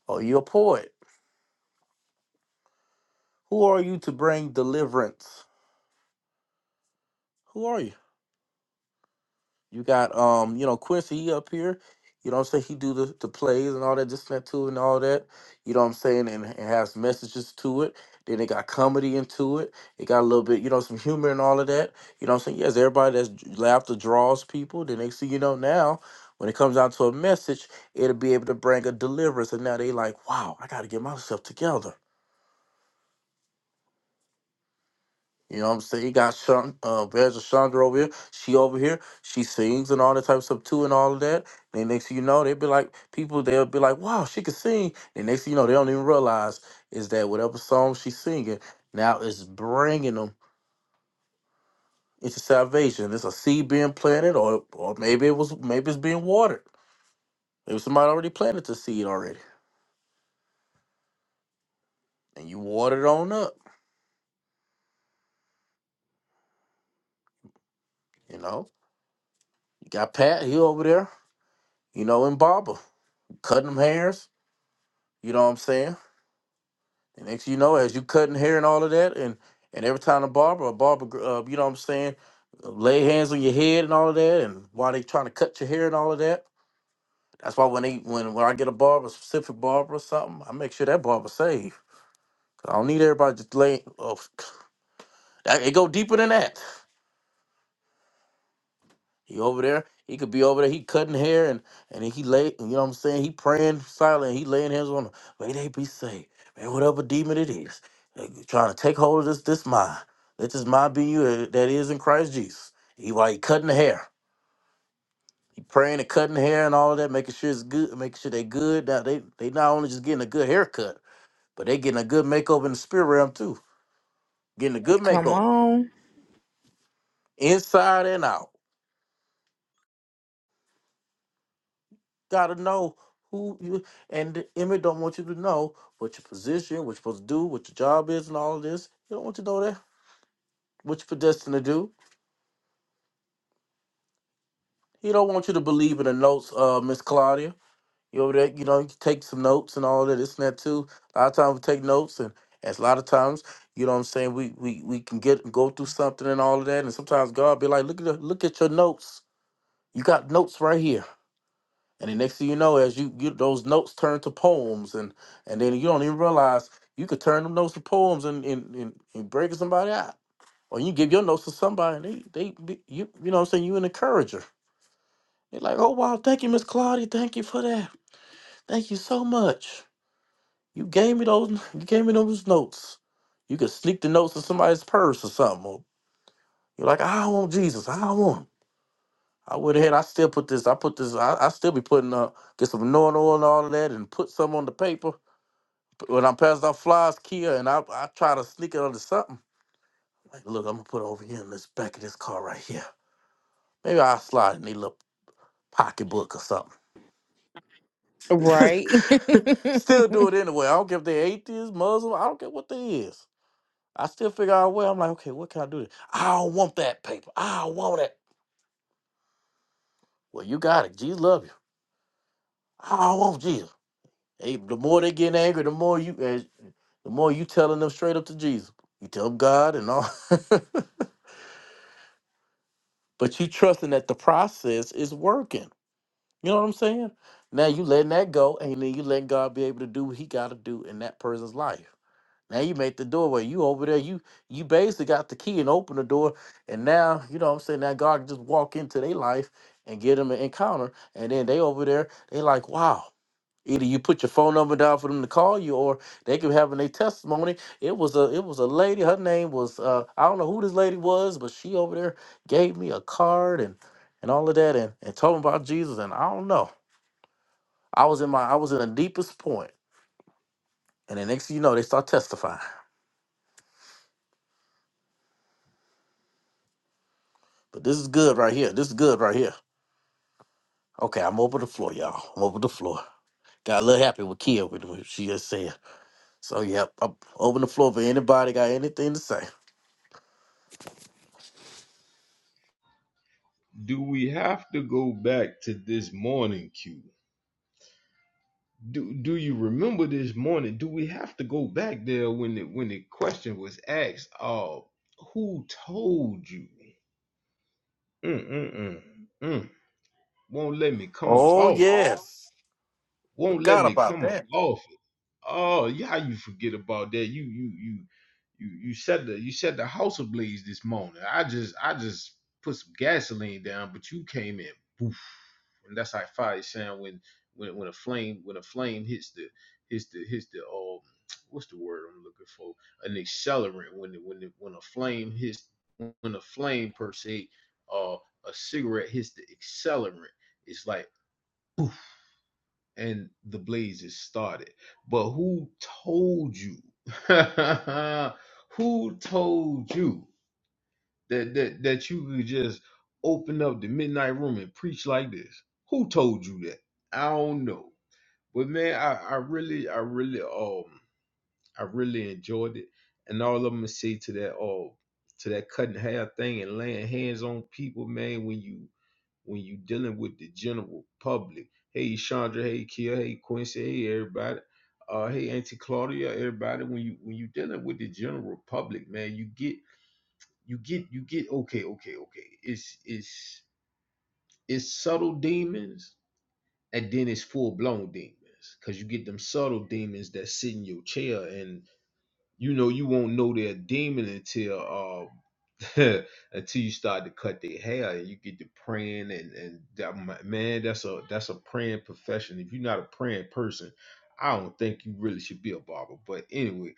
A: Are you a poet? Who are you to bring deliverance? Who are you? You got um, you know, Quincy he up here. You know what I'm saying? He do the, the plays and all that, this and that too and all that. You know what I'm saying? And, and has messages to it. Then it got comedy into it. It got a little bit, you know, some humor and all of that. You know what I'm saying? Yes, everybody that's j- laughter draws people. The next thing you know now, when it comes down to a message, it'll be able to bring a deliverance. And now they like, wow, I gotta get myself together. You know what I'm saying? You got Sean, uh, Bez Chandra over here. She over here. She sings and all that type of stuff too and all of that. And then next thing you know, they would be like, people, they'll be like, wow, she can sing. And next thing you know, they don't even realize is that whatever song she's singing now is bringing them into salvation. It's a seed being planted or or maybe it was, maybe it's being watered. Maybe somebody already planted the seed already. And you watered it on up, you know? You got Pat, he over there, you know, in barber, cutting them hairs. You know what I'm saying? And next thing you know, as you cutting hair and all of that, and and every time the barber, a barber, uh, you know what I'm saying, lay hands on your head and all of that, and while they trying to cut your hair and all of that, that's why when they when when I get a barber, a specific barber or something, I make sure that barber safe. I don't need everybody just laying. Oh, that, it go deeper than that. He over there. He could be over there. He cutting hair and and he lay. You know what I'm saying? He praying silent. He laying hands on. 'em. May they be saved. Man, whatever demon it is, uh, trying to take hold of this this mind. Let this mind be you uh, that is in Christ Jesus. He while he cutting the hair. He praying and cutting the hair and all of that, making sure it's good, making sure they good. Now they they not only just getting a good haircut, but they getting a good makeover in the spirit realm too. Getting a good
B: Come
A: makeover
B: on.
A: inside and out. gotta know who you and the image don't want you to know what your position, what you're supposed to do, what your job is, and all of this. He don't want you to know that. What you're predestined to do. He don't want you to believe in the notes, uh, Miss Claudia. You over there, you know, you take some notes and all that, this and that too. A lot of times we take notes and as a lot of times, you know what I'm saying, we we, we can get go through something and all of that. And sometimes God be like, look at the, look at your notes. You got notes right here. And the next thing you know, as you, you those notes turn to poems, and and then you don't even realize you could turn them notes to poems and and, and, and break somebody out, or you give your notes to somebody, and they they be, you you know what I'm saying you an encourager. They're like, oh wow, thank you, Miss Claudia, thank you for that, thank you so much. You gave me those, you gave me those notes. You could sneak the notes in somebody's purse or something. Or you're like, I don't want Jesus, I don't want him. I went ahead, I still put this, I put this, I, I still be putting up, get some anointing oil and all of that, and put some on the paper when I'm passing out flies, Kia, and I I try to sneak it under something. Like, look, I'm gonna put it over here in this back of this car right here. Maybe I'll slide it in their little pocketbook or something.
B: Right.
A: still do it anyway. I don't care if they're atheist, Muslim, I don't care what they is. I still figure out a way. I'm like, okay, what can I do? I don't want that paper. I don't want that. Well, you got it. Jesus love you. I don't want Jesus. Hey, the more they getting angry, the more you as the more you telling them straight up to Jesus. You tell them God and all. but you trusting that the process is working. You know what I'm saying? Now you letting that go, and then you letting God be able to do what He got to do in that person's life. Now you make the doorway. You over there. You you basically got the key and open the door, and now you know what I'm saying. Now God can just walk into their life and get them an encounter, and then they over there. They like, wow. Either you put your phone number down for them to call you, or they could have in their testimony. It was a it was a lady. Her name was uh, I don't know who this lady was, but she over there gave me a card and and all of that, and and told me about Jesus. And I don't know. I was in my I was in the deepest point, and the next thing you know, they start testifying. But this is good right here. This is good right here. Okay, I'm over the floor, y'all. I'm over the floor. Got a little happy with Kia with what she just said. So yep, I'm open the floor for anybody got anything to say.
C: Do we have to go back to this morning Q? Do Do you remember this morning? Do we have to go back there when the when the question was asked? Uh, who told you? Mm mm mm. mm. Won't let me come up
A: Oh
C: off it.
A: yes.
C: Won't let
A: Forgot
C: me
A: about
C: come up
A: that.
C: off Oh, yeah, how you forget about that? You you you you you set the you set the house ablaze this morning. I just I just put some gasoline down, but you came in, poof, and that's how fire sound when when when a flame when a flame hits the hits the hits the um what's the word I'm looking for an accelerant when the, when the, when a flame hits when a flame per se uh a cigarette hits the accelerant. It's like and the blaze is started. But who told you? who told you that, that that you could just open up the midnight room and preach like this? Who told you that? I don't know. But man, I, I really, I really um I really enjoyed it. And all I'm gonna say to that um to that cutting hair thing and laying hands on people, man, when you when you dealing with the general public. Hey, Chandra. Hey, Kia. Hey, Quincy. Hey, everybody. Uh, hey, Auntie Claudia. Everybody. When you when you dealing with the general public, man, you get you get you get okay, okay, okay. It's it's it's subtle demons, and then it's full blown demons, cause you get them subtle demons that sit in your chair, and you know you won't know they're a demon until uh until you start to cut their hair and you get to praying and and that, ma- man that's a that's a praying profession if you're not a praying person i don't think you really should be a barber but anyway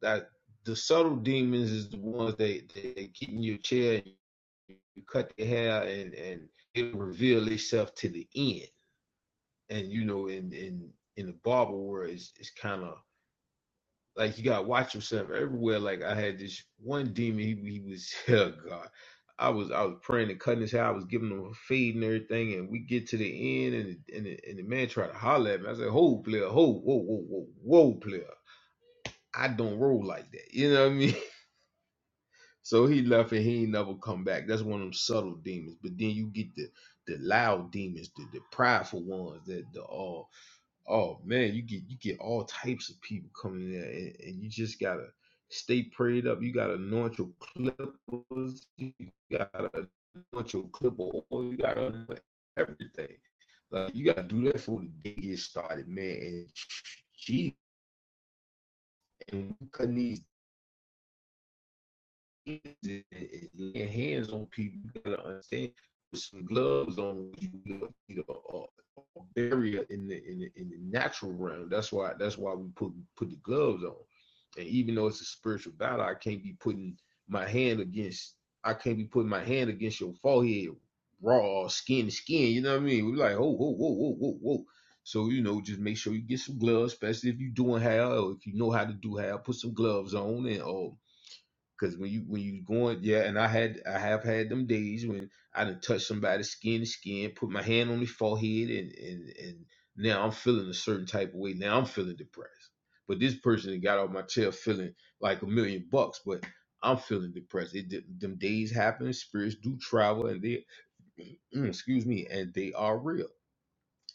C: that the subtle demons is the ones that, that get in your chair and you cut their hair and and it reveal itself to the end and you know in in in the barber world it's, it's kind of like you gotta watch yourself everywhere. Like I had this one demon, he, he was oh god. I was I was praying and cutting his hair. I was giving him a fade and everything, and we get to the end, and the, and the, and the man tried to holler at me. I said, "Hold, player, hold, whoa, whoa, whoa, whoa, player. I don't roll like that." You know what I mean? So he left, and he ain't never come back. That's one of them subtle demons. But then you get the the loud demons, the the prideful ones, that the all Oh man, you get you get all types of people coming in there, and, and you just gotta stay prayed up. You gotta anoint your clippers. You gotta anoint your clipper oil. You gotta anoint everything. Like you gotta do that for the day get started, man. And gee, and we couldn't is is laying hands on people. You gotta understand put some gloves on. You need a, a, a barrier in the, in the in the natural realm. That's why that's why we put put the gloves on. And even though it's a spiritual battle, I can't be putting my hand against. I can't be putting my hand against your forehead, raw skin to skin. You know what I mean? We're like, oh, whoa, whoa, whoa, whoa, whoa. So you know, just make sure you get some gloves, especially if you doing hair or if you know how to do hair. Put some gloves on and or Cause when you when you going, yeah, and I had I have had them days when I done touched somebody's skin to skin, put my hand on their forehead, and and and now I'm feeling a certain type of way. Now I'm feeling depressed. But this person that got off my chair feeling like a million bucks, but I'm feeling depressed. It, them days happen. Spirits do travel, and they excuse me, and they are real.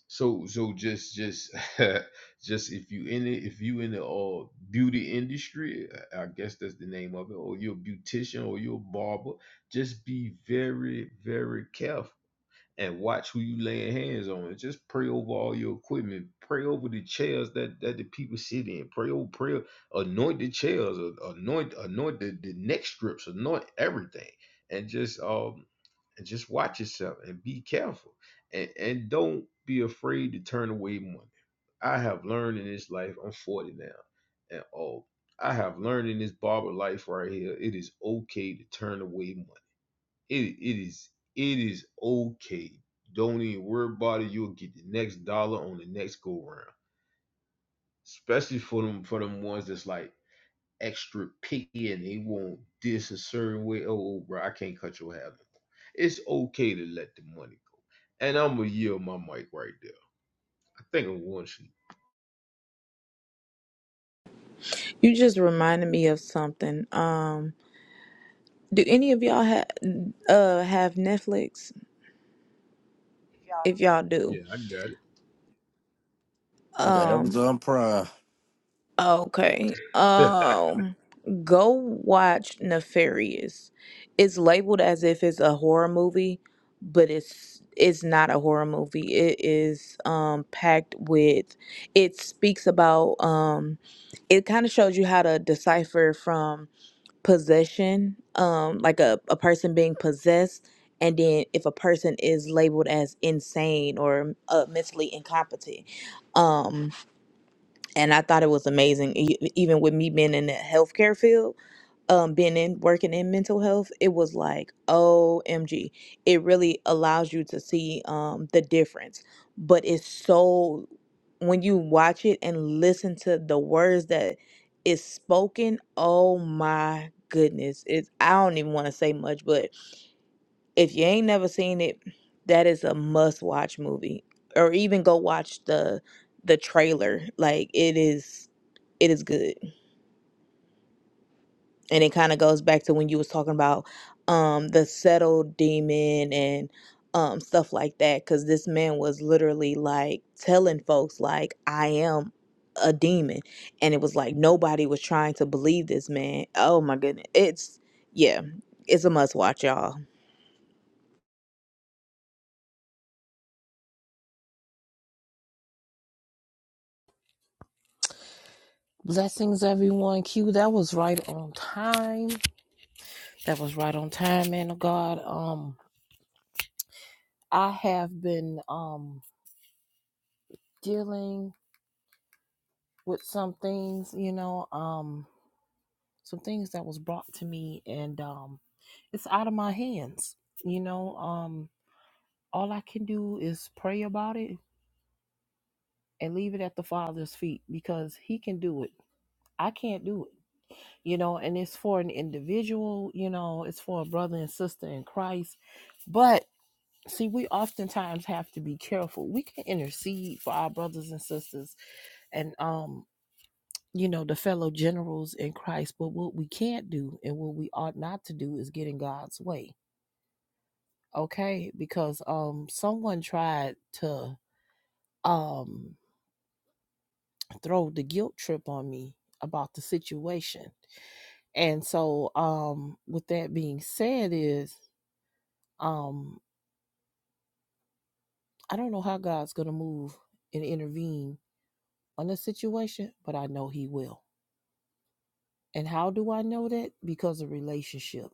C: So so just just just if you in it if you in the uh beauty industry, I I guess that's the name of it, or you're a beautician or you're a barber, just be very, very careful and watch who you laying hands on and just pray over all your equipment. Pray over the chairs that, that the people sit in. Pray over prayer, anoint the chairs, a- anoint anoint the, the neck strips, anoint everything. And just uh and just watch yourself and be careful and, and don't be afraid to turn away money. I have learned in this life, I'm 40 now and old. I have learned in this barber life right here, it is okay to turn away money. It, it is it is okay. Don't even worry about it. You'll get the next dollar on the next go round. Especially for them for them ones that's like extra picky and they want this a certain way. Oh, oh, bro, I can't cut your hair no more. It's okay to let the money go. And I'm gonna yield my mic right there. I think I'm one shoot.
B: you just reminded me of something. Um do any of y'all have uh have Netflix? If y'all do.
C: you Yeah, I got
A: I got
B: Um,
A: Amazon Prime.
B: Okay.
C: it.
B: Um go watch Nefarious. It's labeled as if it's a horror movie, but it's it's not a horror movie. It is um packed with it speaks about um it kind of shows you how to decipher from possession, um like a, a person being possessed and then if a person is labeled as insane or uh, mentally incompetent. Um and I thought it was amazing. E- Even with me being in the healthcare field, um, being in working in mental health, it was like OMG. It really allows you to see um the difference, but it's so when you watch it and listen to the words that is spoken. Oh my goodness! It's I don't even want to say much, but if you ain't never seen it, that is a must watch movie. Or even go watch the the trailer. Like it is it is good and it kind of goes back to when you was talking about um the settled demon and um stuff like that because this man was literally like telling folks like i am a demon and it was like nobody was trying to believe this man oh my goodness it's yeah it's a must watch y'all
D: Blessings, everyone. Q, that was right on time. That was right on time, man of God. Um, I have been um dealing with some things, you know, um, some things that was brought to me, and um, it's out of my hands. You know, um, all I can do is pray about it and leave it at the Father's feet because He can do it. I can't do it. you know, and it's for an individual, you know, it's for a brother and sister in Christ. But see, we oftentimes have to be careful. We can intercede for our brothers and sisters and, um, you know, the fellow generals in Christ, but what we can't do and what we ought not to do is get in God's way. Okay? Because um someone tried to um throw the guilt trip on me about the situation. And so um with that being said is Um, I don't know how God's going to move and intervene on the situation, but I know He will. And how do I know that? Because of relationship.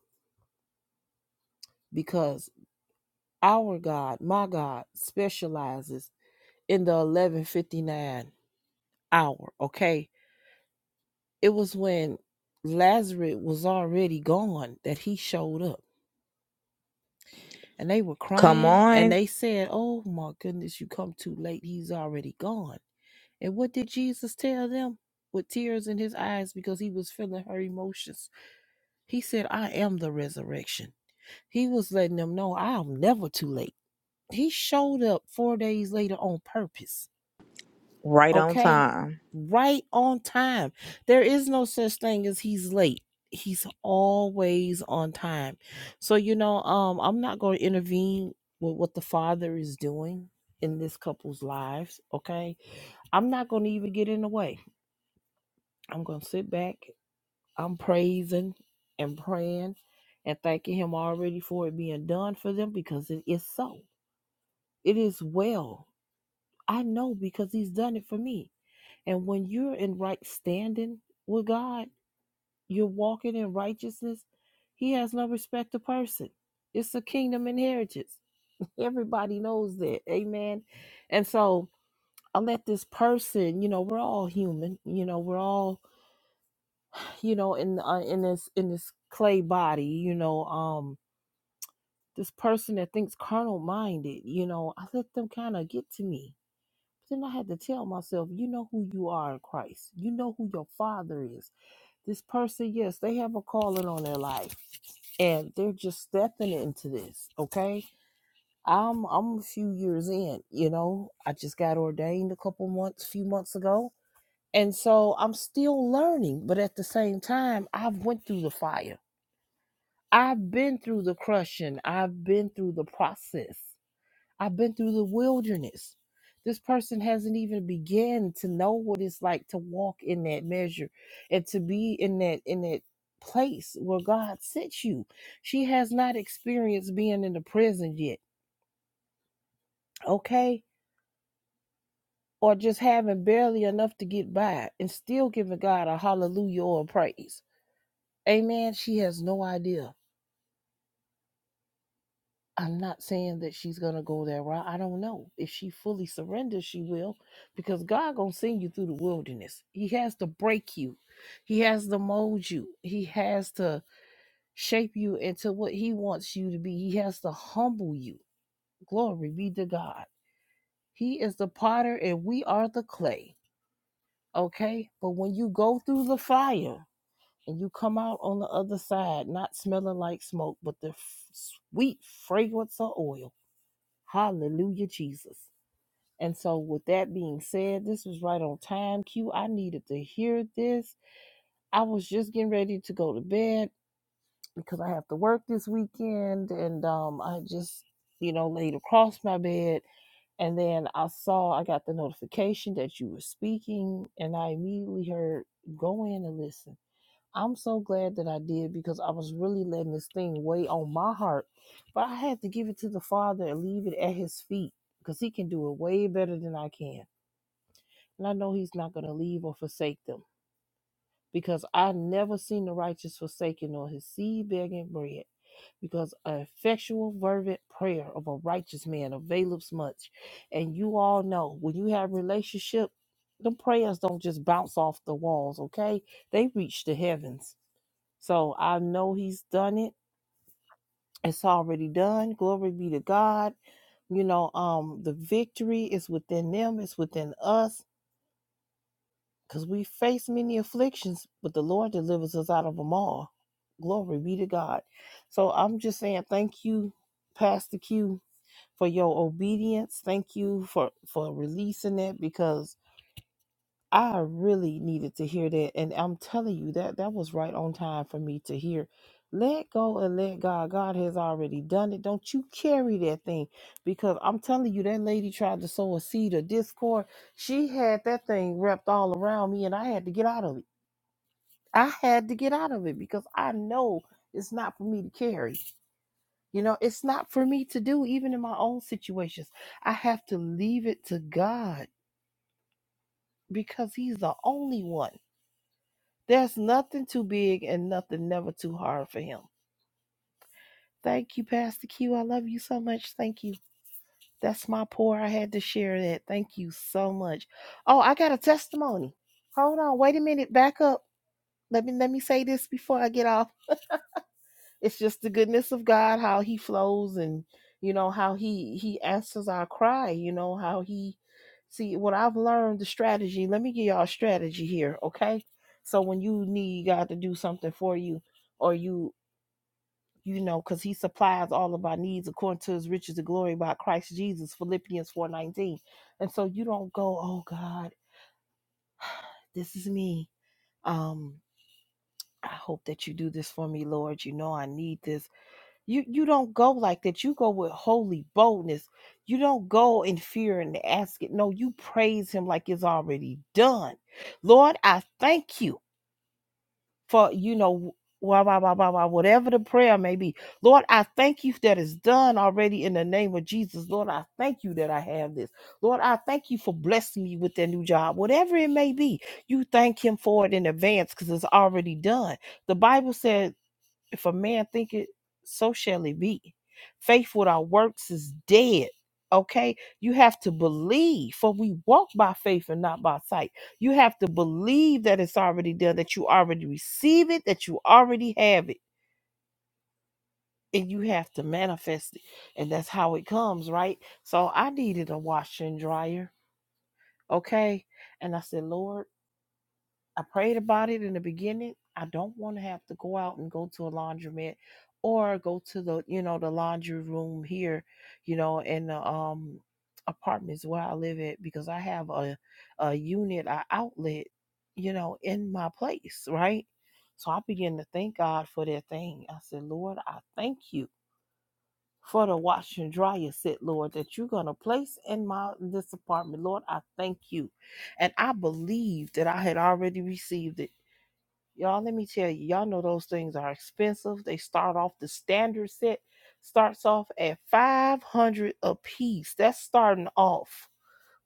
D: Because our God, my God, specializes in the 11:59 hour. Okay, it was when Lazarus was already gone that He showed up, and they were
B: come
D: crying, and
B: on
D: they said, "Oh my goodness, you come too late. He's already gone." And what did Jesus tell them? With tears in his eyes because he was feeling her emotions. He said, I am the resurrection. He was letting them know I'm never too late. He showed up four days later on purpose.
B: right on
D: Okay?
B: time
D: Right on time. There is no such thing as he's late. He's always on time. So, you know, um, I'm not going to intervene with what the father is doing in this couple's lives. Okay? I'm not going to even get in the way I'm going to sit back. I'm praising and praying and thanking Him already for it being done for them because it is so. It is well. I know because He's done it for me. And when you're in right standing with God, you're walking in righteousness. He has no respect to person. It's a kingdom inheritance. Everybody knows that. Amen. And so I let this person, you know, we're all human. You know, we're all you know, in uh, in this in this clay body, you know, um, this person that thinks carnal minded, you know, I let them kind of get to me. But then I had to tell myself, you know who you are in Christ. You know who your Father is. This person, yes, they have a calling on their life, and they're just stepping into this. Okay, I'm I'm a few years in. You know, I just got ordained a couple months, few months ago. And so I'm still learning, but at the same time, I've went through the fire I've been through the crushing. I've been through the process. I've been through the wilderness. This person hasn't even began to know what it's like to walk in that measure and to be in that in that place where God sent you. She has not experienced being in the prison yet, okay? Or just having barely enough to get by and still giving God a hallelujah or a praise. Amen. She has no idea I'm not saying that she's gonna go that route. I don't know if she fully surrenders. She will, because God gonna send you through the wilderness. He has to break you. He has to mold you. He has to shape you into what He wants you to be. He has to humble you. Glory be to God. He is the potter and we are the clay. Okay, but when you go through the fire and you come out on the other side, not smelling like smoke, but the f- sweet fragrance of oil Hallelujah, Jesus. And so, with that being said, this was right on time. Q, I needed to hear this. I was just getting ready to go to bed because I have to work this weekend. And um, I just, you know, laid across my bed. And then I saw, I got the notification that you were speaking. And I immediately heard, go in and listen I'm so glad that I did because I was really letting this thing weigh on my heart. But I had to give it to the Father and leave it at His feet because He can do it way better than I can. And I know He's not going to leave or forsake them because I never seen the righteous forsaken or his seed begging bread. Because an effectual, fervent prayer of a righteous man availeth much. And you all know when you have relationship, the prayers don't just bounce off the walls, okay? They reach the heavens so I know he's done it. It's already done. Glory be to God. You know, um, the victory is within them, it's within us, because we face many afflictions, but the Lord delivers us out of them all. Glory be to God. So I'm just saying thank you, Pastor Q, for your obedience. Thank you for for releasing it because I really needed to hear that. And I'm telling you that that was right on time for me to hear. Let go and let God. God has already done it. Don't you carry that thing. Because I'm telling you, that lady tried to sow a seed of discord. She had that thing wrapped all around me, and I had to get out of it. I had to get out of it because I know it's not for me to carry. You know, it's not for me to do, even in my own situations. I have to leave it to God because He's the only one. There's nothing too big and nothing never too hard for him. Thank you, Pastor Q. I love you so much. Thank you. That's my pour. I had to share that. Thank you so much. Oh, I got a testimony. Hold on. Wait a minute. Back up. Let me let me say this before I get off. It's just the goodness of God, how he flows and you know how he he answers our cry, you know, how he see what I've learned the strategy. Let me give y'all a strategy here, okay? So when you need God to do something for you, or you you know, because he supplies all of our needs according to his riches and glory by Christ Jesus, Philippians 4:19. And so you don't go, oh God, this is me. Um, I hope that you do this for me, Lord. You know I need this. You you don't go like that. You go with holy boldness. You don't go in fear and ask it. No, you praise him like it's already done. Lord, I thank you. for you know wah, wah, wah, wah, wah, whatever the prayer may be lord i thank you that it's done already in the name of jesus lord i thank you that i have this lord i thank you for blessing me with that new job whatever it may be you thank him for it in advance because it's already done the bible says if a man think it, so shall it be. Faith without works is dead. Okay, you have to believe, for we walk by faith and not by sight. You have to believe that it's already done, that you already receive it, that you already have it, and you have to manifest it. And that's how it comes, right? So I needed a washer and dryer. Okay, and I said, Lord. I prayed about it in the beginning. I don't want to have to go out and go to a laundromat or go to the, you know, the laundry room here, you know, in the um apartments where I live at because I have a a unit, a outlet, you know, in my place, right? So I began to thank God for that thing. I said, Lord, I thank you for the wash and dryer set, Lord, that you're gonna place in my this apartment. Lord, I thank you and I believed that I had already received it Y'all, let me tell you, y'all know those things are expensive. They start off the standard set starts off at 500 a piece. That's starting off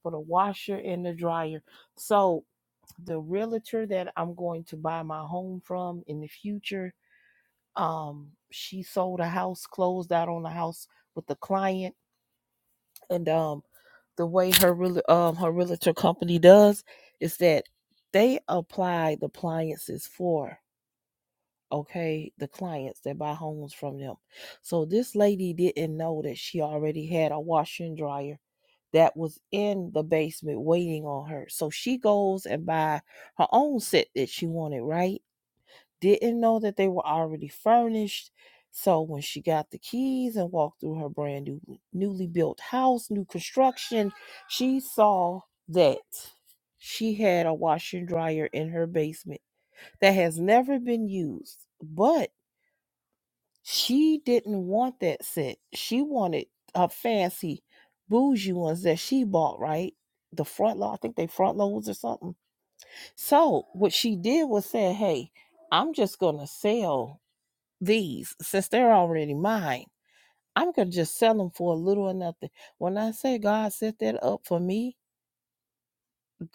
D: for the washer and the dryer. So, the realtor that I'm going to buy my home from in the future, um she sold a house, closed out on the house with the client and um the way her real um her realtor company does is that they apply the appliances for okay the clients that buy homes from them so this lady didn't know that she already had a washer and dryer that was in the basement waiting on her so she goes and buy her own set that she wanted right didn't know that they were already furnished so when she got the keys and walked through her brand new newly built house new construction she saw that she had a washer and dryer in her basement that has never been used. But she didn't want that set. She wanted her fancy bougie ones that she bought, right? The front low, I think they front loads or something. So what she did was say, Hey, I'm just gonna sell these since they're already mine. I'm gonna just sell them for a little or nothing. When I say God set that up for me,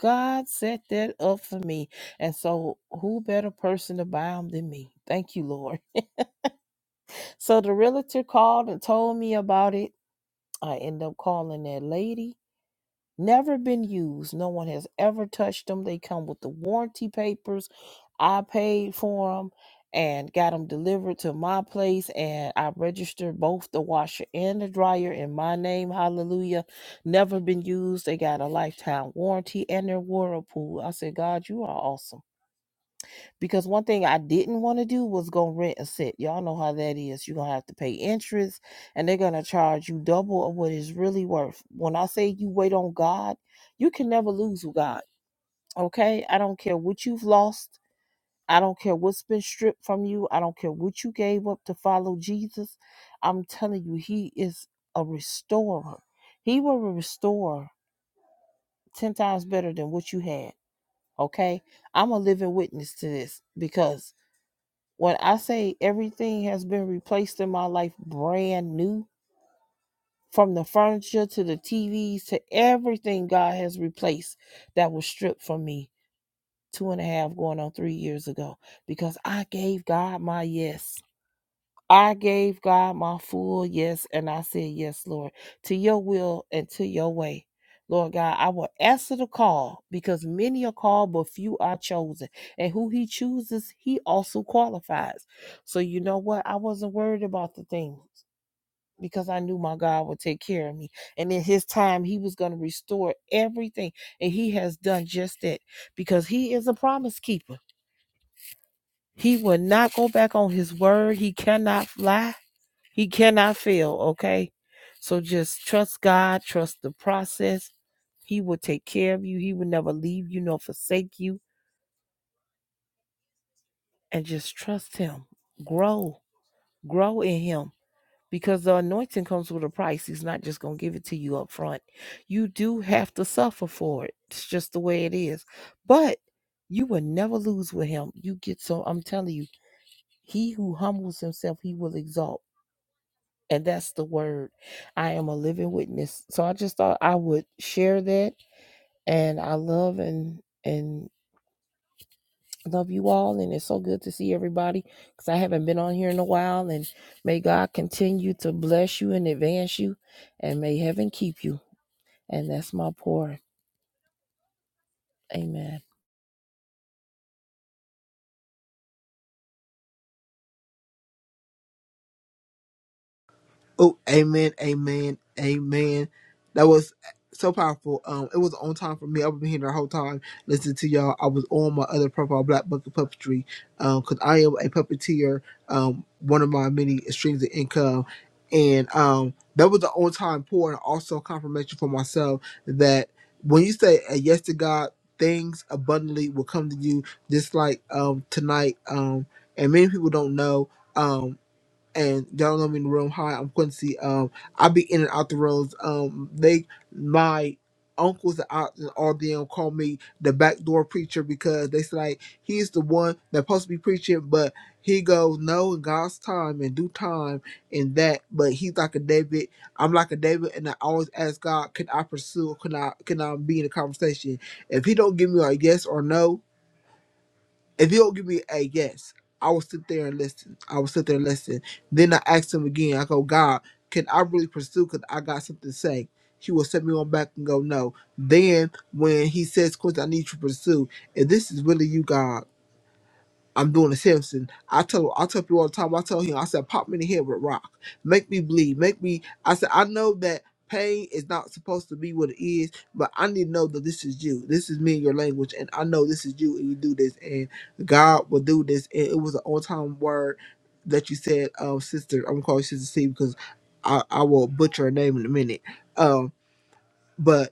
D: God set that up for me. And so who better person to buy them than me? Thank you, Lord. So the realtor called and told me about it I end up calling that lady. Never been used. No one has ever touched them. They come with the warranty papers. I paid for them and got them delivered to my place. And I registered both the washer and the dryer in my name. Hallelujah. Never been used. They got a lifetime warranty and their whirlpool. I said, God, you are awesome. Because one thing I didn't want to do was go rent a set. Y'all know how that is. You're going to have to pay interest and they're going to charge you double of what it's really worth. When I say you wait on God, you can never lose with God. Okay? I don't care what you've lost. I don't care what's been stripped from you. I don't care what you gave up to follow Jesus. I'm telling you, He is a restorer. He will restore 10 times better than what you had. Okay? I'm a living witness to this because When I say everything has been replaced in my life brand new, from the furniture to the TVs to everything God has replaced that was stripped from me two and a half going on three years ago because I gave God my yes. I gave God my full yes, and I said, Yes, Lord, to your will and to your way. Lord God, I will answer the call because many are called, but few are chosen. And who he chooses, he also qualifies. So, you know what? I wasn't worried about the things because I knew my God would take care of me. And in his time, he was going to restore everything. And he has done just that because he is a promise keeper. He will not go back on his word, he cannot lie. He cannot fail, okay? So just trust God, trust the process. He will take care of you. He will never leave you nor forsake you. And just trust Him. Grow, grow in Him because the anointing comes with a price. He's not just going to give it to you up front. You do have to suffer for it. It's just the way it is. But you will never lose with Him. You get so, I'm telling you, he who humbles himself, he will exalt. And that's the word. I am a living witness. So I just thought I would share that. And I love and and love you all. And it's so good to see everybody because I haven't been on here in a while. And may God continue to bless you and advance you. And may heaven keep you. And that's my pour. Amen.
E: Oh, amen, amen, amen. That was so powerful. Um, it was on time for me. I've been here the whole time listening to y'all. I was on my other profile, Black Bucket Puppetry, um, because I am a puppeteer. Um, one of my many streams of income, and um, that was the on time pour, and also confirmation for myself that when you say a yes to God, things abundantly will come to you. Just like um tonight, um, and many people don't know. um, and y'all know me in the room. Hi, I'm Quincy. Um, I be in and out the roads. Um, they my uncles and aunts and all them call me the backdoor preacher because they say like he's the one that's supposed to be preaching, but he goes no in God's time and due time and that. But he's like a David. I'm like a David, and I always ask God, can I pursue? Can I can I be in a conversation? If he don't give me a yes or no, if you don't give me a hey, yes, I will sit there and listen. I will sit there and listen. Then I asked him again. I go, God, can I really pursue? Cause I got something to say. He will set me on back and go, no. Then when he says, "Course, I need you to pursue. If this is really you, God." I'm doing a Samson. I tell I tell people all the time. I tell him. I said, pop me in the head with a rock, make me bleed, make me. I said, I know that pain is not supposed to be what it is, but I need to know that this is you. This is me and your language, and I know this is you, and you do this, and God will do this. And it was an on time word that you said, um, sister. I'm gonna call you sister C because I I will butcher her name in a minute. Um, but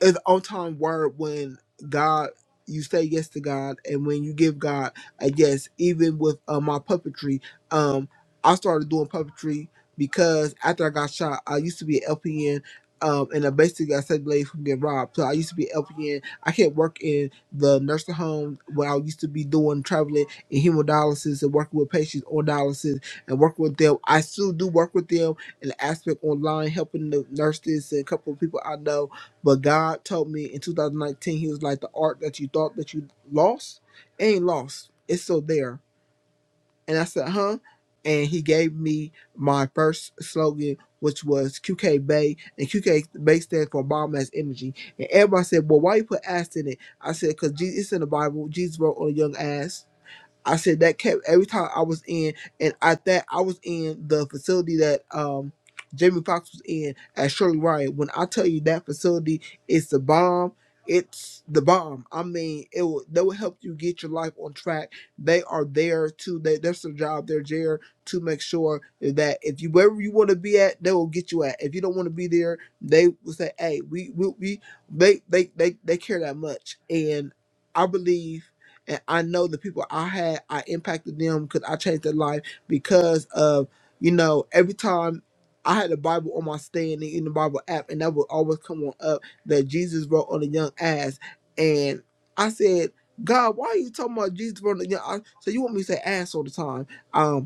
E: it's on time word when God you say yes to God and when you give God a yes, even with uh, my puppetry, um, I started doing puppetry because after I got shot, I used to be an LPN um, and I basically got saved ladies from getting robbed. So I used to be an LPN. I can't work in the nursing home where I used to be doing traveling in hemodialysis and working with patients on dialysis and working with them. I still do work with them in the aspect online, helping the nurses and a couple of people I know but God told me in 2019, He was like, the art that you thought that you lost ain't lost. It's still there. And I said, huh? And He gave me my first slogan, which was QK Bay. And QK Bay stands for Biomass Energy. And everybody said, well, why you put ass in it? I said, because it's in the Bible. Jesus wrote on a young ass. I said that kept every time I was in, and I that I was in the facility that um Jamie Foxx was in at Shirley Ryan. When I tell you that facility is the bomb, it's the bomb. I mean, it will they will help you get your life on track. They are there to they that's their job. They're there to make sure that if you wherever you want to be at, they will get you at. If you don't want to be there, they will say, "Hey, we we, we they, they they they care that much." And I believe and I know the people I had, I impacted them because I changed their life because of, you know, every time I had the Bible on my stand and in the Bible app, and that would always come on up that Jesus wrote on a young ass. And I said, God, why are you talking about Jesus wrote on a young ass? So you want me to say ass all the time. Um,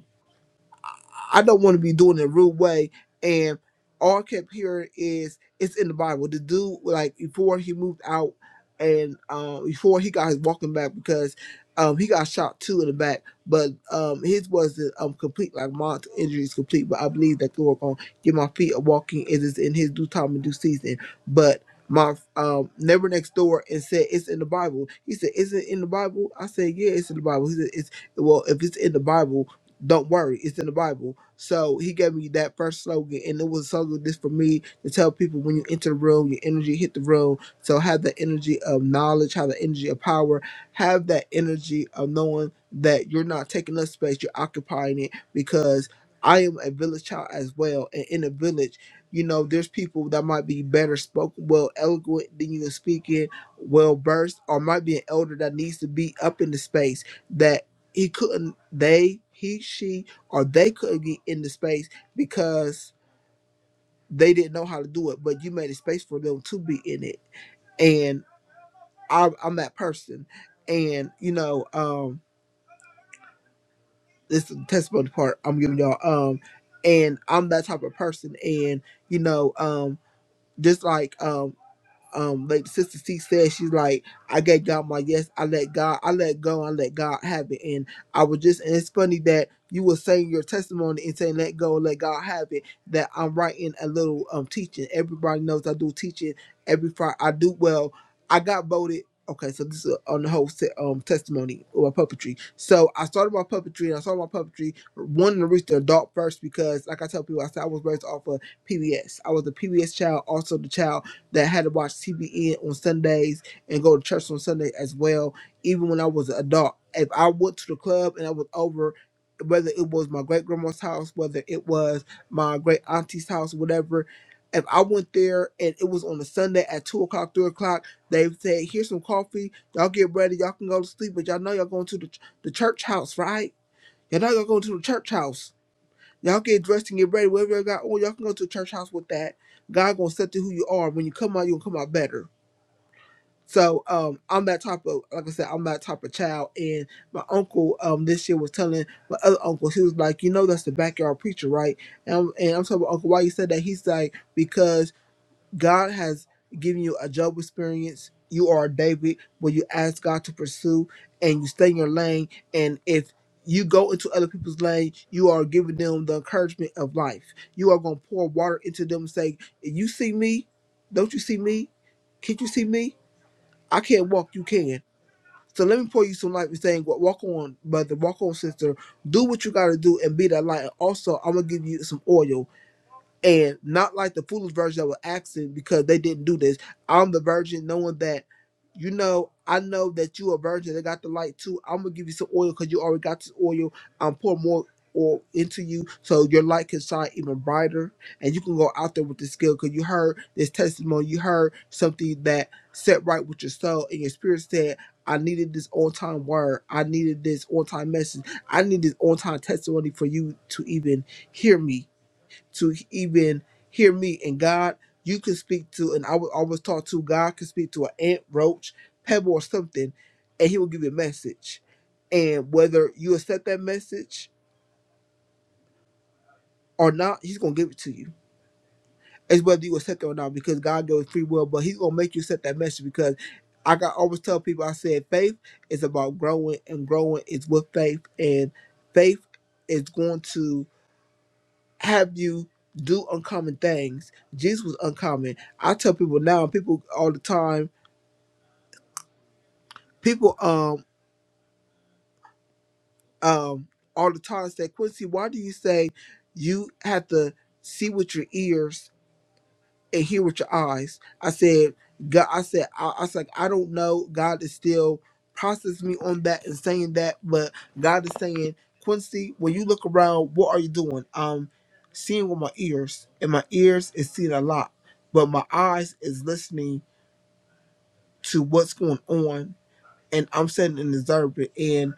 E: I don't want to be doing it a rude way. And all I kept hearing is it's in the Bible. The dude like before he moved out and um before he got his walking back because um he got shot two in the back, but um his wasn't um complete like my injuries complete, but I believe that the Lord gonna give my feet a walking it is in his due time and due season. But my um neighbor next door and said it's in the Bible. He said, Is it in the Bible? I said, Yeah, it's in the Bible. He said, It's well if it's in the Bible don't worry, it's in the Bible. So he gave me that first slogan, and it was a slogan this for me to tell people when you enter the room, your energy hit the room. So have the energy of knowledge, have the energy of power, have that energy of knowing that you're not taking up space, you're occupying it because I am a village child as well. And in a village, you know, there's people that might be better spoken, well eloquent than you in speaking, well versed, or might be an elder that needs to be up in the space he couldn't they he she or they couldn't get in the space because they didn't know how to do it but you made a space for them to be in it and I, i'm that person and you know um this is the testimony part i'm giving y'all um and i'm that type of person and you know um just like um, um like sister c said she's like i gave god my yes i let god i let go i let god have it and i was just and it's funny that you were saying your testimony and saying let go let god have it that i'm writing a little um teaching everybody knows i do teaching every friday i do well i got voted okay so this is on the whole se- um testimony or puppetry so i started my puppetry and i started my puppetry wanting to reach the adult first because like i tell people i said i was raised off of pbs i was a pbs child also the child that had to watch TVN on Sundays and go to church on Sunday as well. Even when I was an adult, if I went to the club and I was over, whether it was my great grandma's house, whether it was my great auntie's house, whatever, if I went there and it was on a Sunday at two o'clock, three o'clock, they would say, "Here's some coffee. Y'all get ready. Y'all can go to sleep, but y'all know y'all going to the ch- the church house, right? Y'all know y'all going to the church house." Y'all get dressed and get ready. Whatever y'all got oh y'all can go to a church house with that. God gonna set to who you are. When you come out, you'll come out better. So um, I'm that type of, like I said, I'm that type of child. And my uncle um this year was telling my other uncle, he was like, you know, that's the backyard preacher, right? And I'm, and I'm telling my uncle why you said that. He's like, because God has given you a job experience. You are David, where you ask God to pursue and you stay in your lane. And if you go into other people's lane, you are giving them the encouragement of life. You are going to pour water into them and say, You see me? Don't you see me? Can't you see me? I can't walk, you can. So let me pour you some light and saying, wa- Walk on, brother, walk on, sister. Do what you got to do and be that light. And also, I'm going to give you some oil and not like the foolish version that were asking because they didn't do this. I'm the virgin, knowing that, you know, I know that you a virgin. They got the light too. I'm gonna give you some oil because you already got this oil. I'm pour more oil into you so your light can shine even brighter, and you can go out there with the skill because you heard this testimony. You heard something that set right with your soul, and your spirit said. I needed this on time word. I needed this on time message. I need this on time testimony for you to even hear me to even hear me. And God, you can speak to, and I was always taught to God can speak to an ant, roach, pebble, or something, and He will give you a message. And whether you accept that message or not, He's gonna give it to you. It's whether you accept it or not, because God gives free will, but He's gonna make you accept that message because. I got always tell people I said faith is about growing and growing is with faith and faith is going to have you do uncommon things. Jesus was uncommon. I tell people now, people all the time, people um um all the time say, Quincy, why do you say you have to see with your ears and hear with your eyes. I said, God, I said, I, I was like, I don't know. God is still processing me on that and saying that, but God is saying, Quincy, when you look around, what are you doing? Um, seeing with my ears, and my ears is seeing a lot, but my eyes is listening to what's going on and I'm sitting in the Zerba. And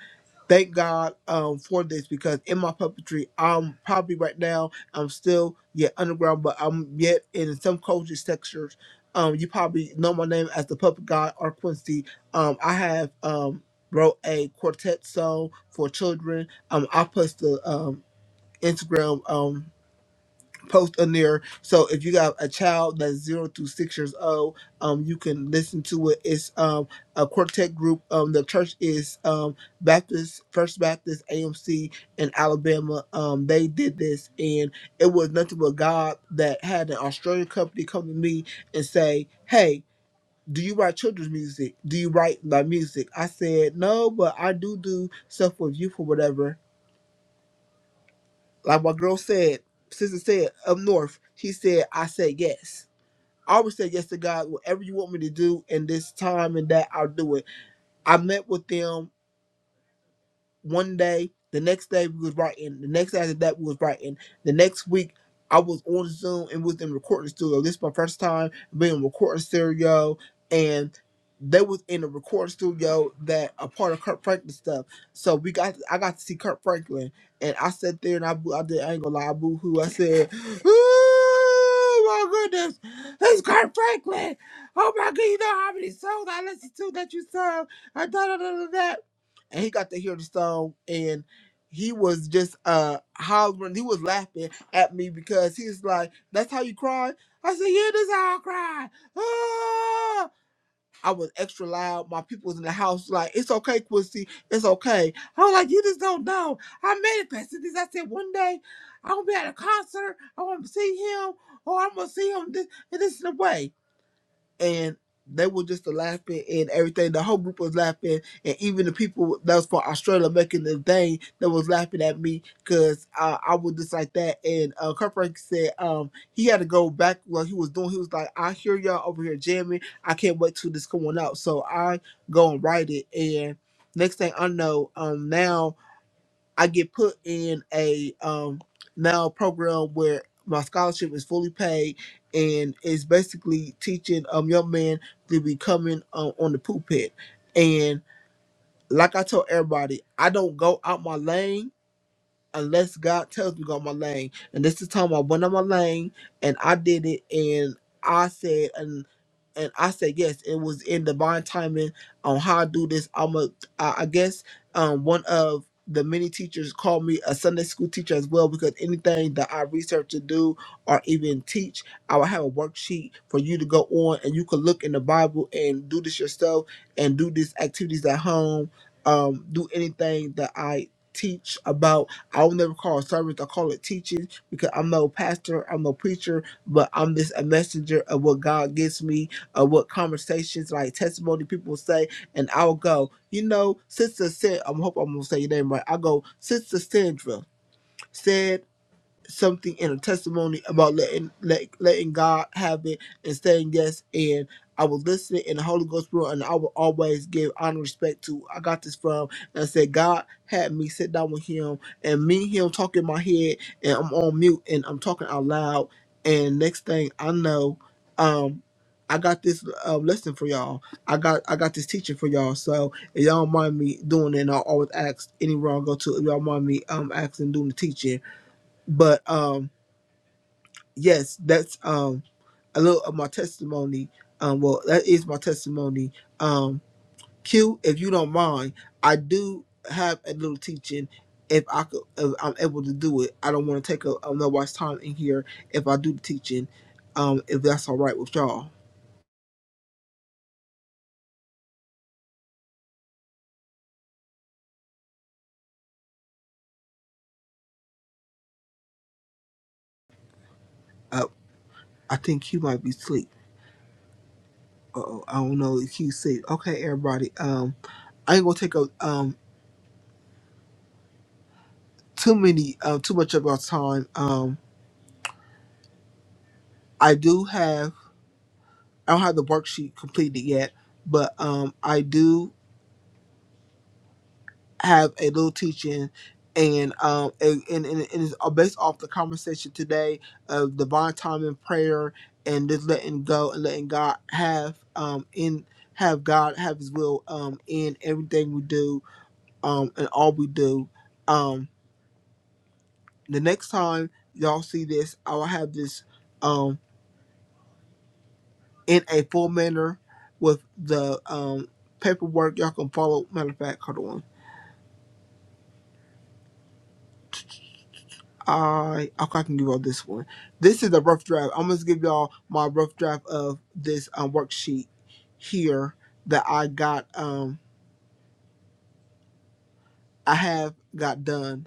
E: thank God um, for this because in my puppetry, I'm probably right now, I'm still yet underground, but I'm yet in some culture sectors. Um, you probably know my name as the Puppet God or Quincy. Um, I have um, wrote a quartet song for children. Um, I post the um, Instagram. Um, post on there. So if you got a child that's zero to six years old, um, you can listen to it. It's um a quartet group. Um, the church is um Baptist First Baptist AMC in Alabama. Um, they did this, and it was nothing but God that had an Australian company come to me and say, "Hey." Do you write children's music? Do you write my music? I said no, but I do do stuff with youth or whatever like my girl said, sister said up north, she said, I said yes. I always said yes to God, whatever you want me to do in this time and that, I'll do it. I met with them one day, the next day we was writing, the next day after that we was writing, the next week I was on Zoom and was in recording studio. This is my first time being in recording studio and they was in a recording studio that a part of Kurt Franklin stuff. So we got I got to see Kurt Franklin and I sat there and I boo- I did I ain't gonna lie, I boo hoo. I said, Oh my goodness, it's Kurt Franklin. Oh my god, you know how many songs I listened to that you sung. I da da da da da and he got to hear the song and he was just uh hollering he was laughing at me because he's like that's how you cry i said yeah that's how i cry ah! i was extra loud my people was in the house like it's okay quincy it's okay i was like you just don't know i manifested this i said one day i'm gonna be at a concert i want to see him or i'm gonna see him this and this in a way and they were just laughing and everything. The whole group was laughing, and even the people that was from Australia making the thing that was laughing at me because uh, I was just like that. And uh, Kurt Frank said um, he had to go back what he was doing. He was like, "I hear y'all over here jamming. I can't wait till this coming out." So I go and write it, and next thing I know, um, now I get put in a um now program where my scholarship is fully paid and it's basically teaching um young men to be coming um, on the pulpit. And like I told everybody, I don't go out my lane unless God tells me to go on my lane. And this is the time I went on my lane and I did it and I said and and I said yes, it was in divine timing on how I do this. I'm a I I guess um one of the many teachers called me a Sunday school teacher as well because anything that I research to do or even teach, I will have a worksheet for you to go on and you can look in the Bible and do this yourself and do these activities at home, um, do anything that I teach about I will never call it sermons. I call it teaching because I'm no pastor, I'm no preacher, but I'm just a messenger of what God gives me, of what conversations, like testimony people say, and I'll go, you know, Sister Sandra, I hope I'm going to say your name right. I'll go, Sister Sandra said something in a testimony about letting let, letting God have it and saying yes. And I was listening in the Holy Ghost room, and I will always give honor and respect to. I got this from and I said God had me sit down with Him and me and Him talking in my head, and I'm on mute and I'm talking out loud. And next thing I know, um. I got this uh, lesson for y'all. I got I got this teaching for y'all. So if y'all don't mind me doing it, and I always ask any wrong go to if y'all mind me um asking doing the teaching but um yes that's um a little of my testimony um well that is my testimony um q if you don't mind i do have a little teaching if i could if i'm able to do it i don't want to take a, a nobody's time in here if i do the teaching um if that's all right with y'all uh, i think q might be asleep uh-oh i don't know if q's asleep okay everybody um I ain't gonna take up um too many um too much of our time. Um I do have I don't have the worksheet completed yet, but um, I do have a little teaching, and um, and, and, and it's uh, based off the conversation today of divine time and prayer, and just letting go and letting God have um in have God have His will um in everything we do um and all we do um the next time y'all see this I will have this um in a full manner with the um paperwork y'all can follow matter of fact hold on I okay, I can give y'all this one. This is a rough draft. I'm gonna give y'all my rough draft of this um, worksheet here that I got. Um, I have got done.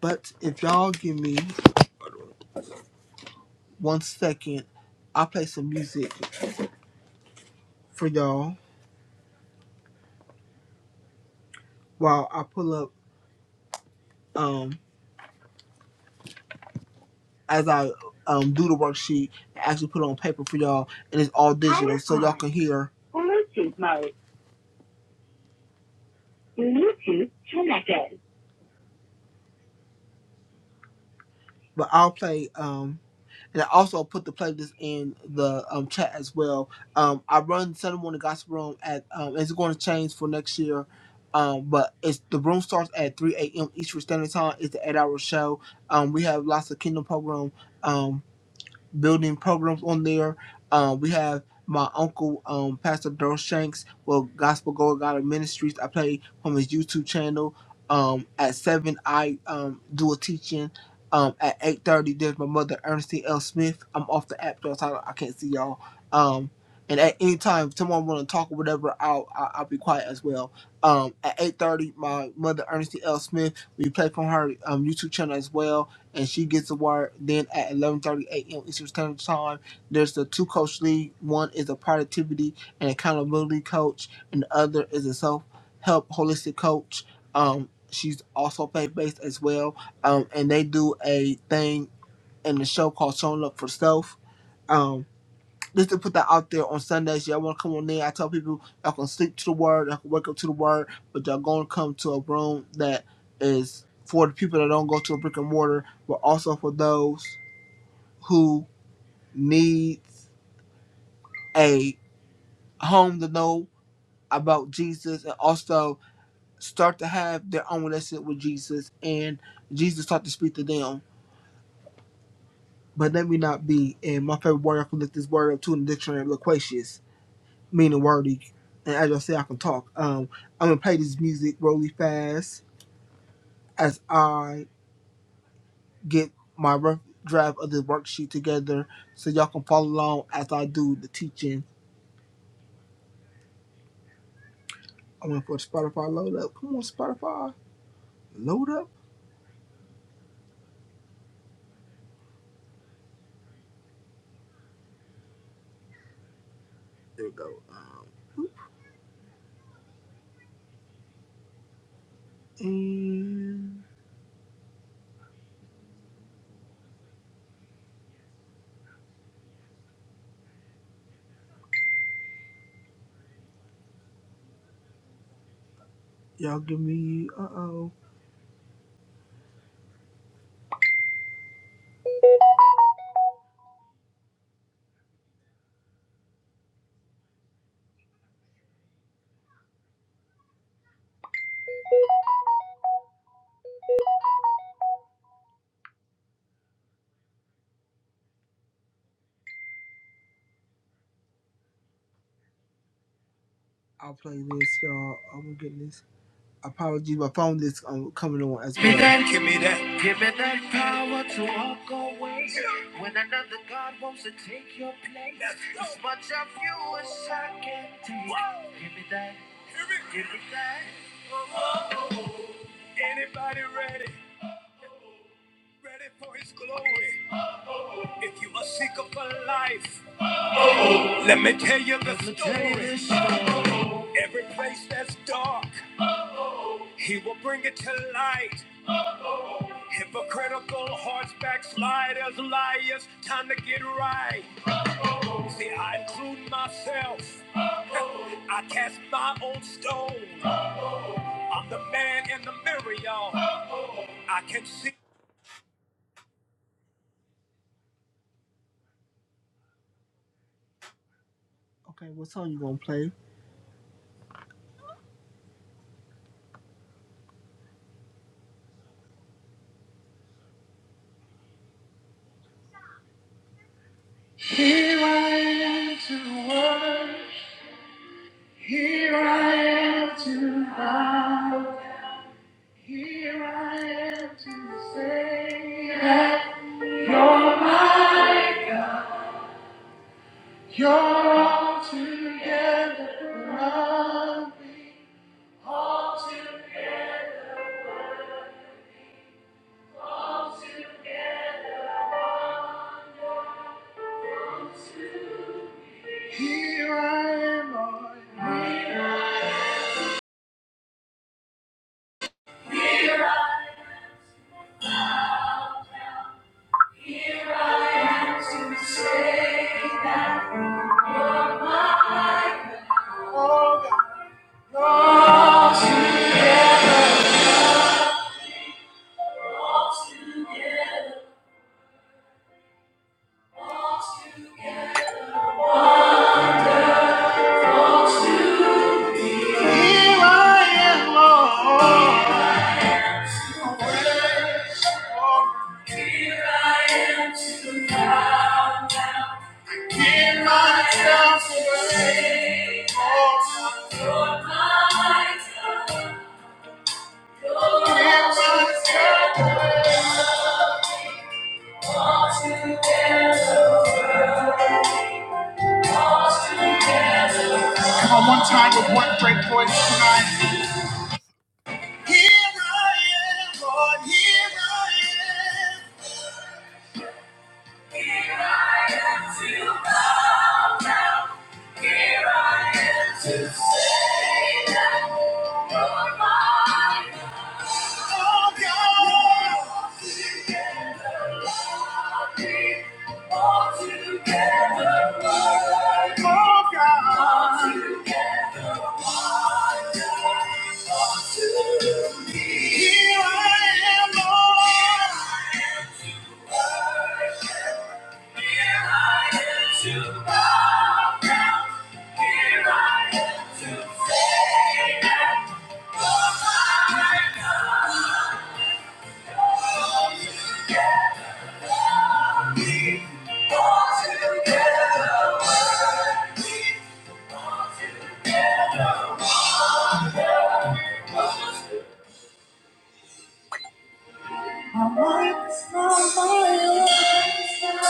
E: But if y'all give me one second, I'll play some music for y'all while I pull up. Um, as I um do the worksheet and actually put it on paper for y'all, and it's all digital, so y'all can hear. Bluetooth mode. Bluetooth connected. But I'll play. Um. and I also put the playlist in the um, chat as well. Um, I run Sunday morning gospel room at um, it's going to change for next year, um, but it's the room starts at three a.m. Eastern Standard Time. It's the eight-hour show. Um, we have lots of kingdom program. Um, building programs on there. Uh, we have my uncle, um, Pastor Daryl Shanks, well, Gospel Go God Ministries. I play from his YouTube channel. Um, at seven, I um, do a teaching. Um, at eight thirty, there's my mother, Ernestine L. Smith. I'm off the app, though, so I I can't see y'all. Um, and at any time, if someone want to talk or whatever, I'll, I'll I'll be quiet as well. Um, at eight thirty, my mother, Ernestine L. Smith. We play from her um, YouTube channel as well and she gets the word. Then at 11:30 a.m. Eastern Standard Time, there's the two coach league. One is a productivity and accountability coach, and the other is a self help holistic coach. Um, she's also faith based as well. Um, and they do a thing in the show called Showing Up for Self. Um, just to put that out there on Sundays, y'all want to come on in. I tell people y'all can sleep to the word, y'all can wake up to the word, but y'all going to come to a room that is for the people that don't go to a brick and mortar, but also for those who need a home to know about Jesus and also start to have their own relationship with Jesus and Jesus start to speak to them. But let me not be, and my favorite word, I can look this word up too in the dictionary, loquacious. meaning wordy. And as I said, I can talk. Um, I'm gonna play this music really fast as I get my rough draft of the worksheet together, so y'all can follow along as I do the teaching. I'm going for Spotify load up. Come on, Spotify, load up. There we go. Um, and y'all give me. Uh oh. I'll play this, y'all. Oh my goodness. Apologies, my phone is um, coming on as. Okay, what song you gonna play? Here I am to say that you're mine. You're all together. loved. Here I am, Lord. I have To say that mine. You're all together. All together. All together. Your words, Lord. Here I am to now. In myself today, all to your might, your myself, all together, all together. Here I am to bow down. Here I am to say that you're mine. Oh God, together lovely, all together, worthy. Oh God, all together, wonderful to me. Here I am, Lord. Here I am to bow down. Here I am to say that my God, all me, all together worthy, all together. I want to smile.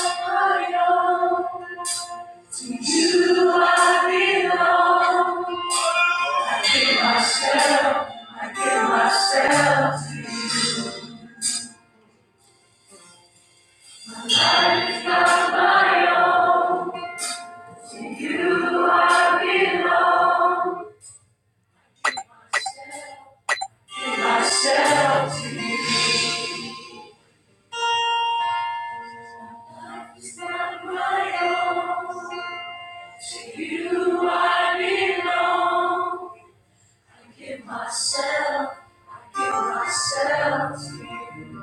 E: right To you I belong. I give myself, I give myself to you.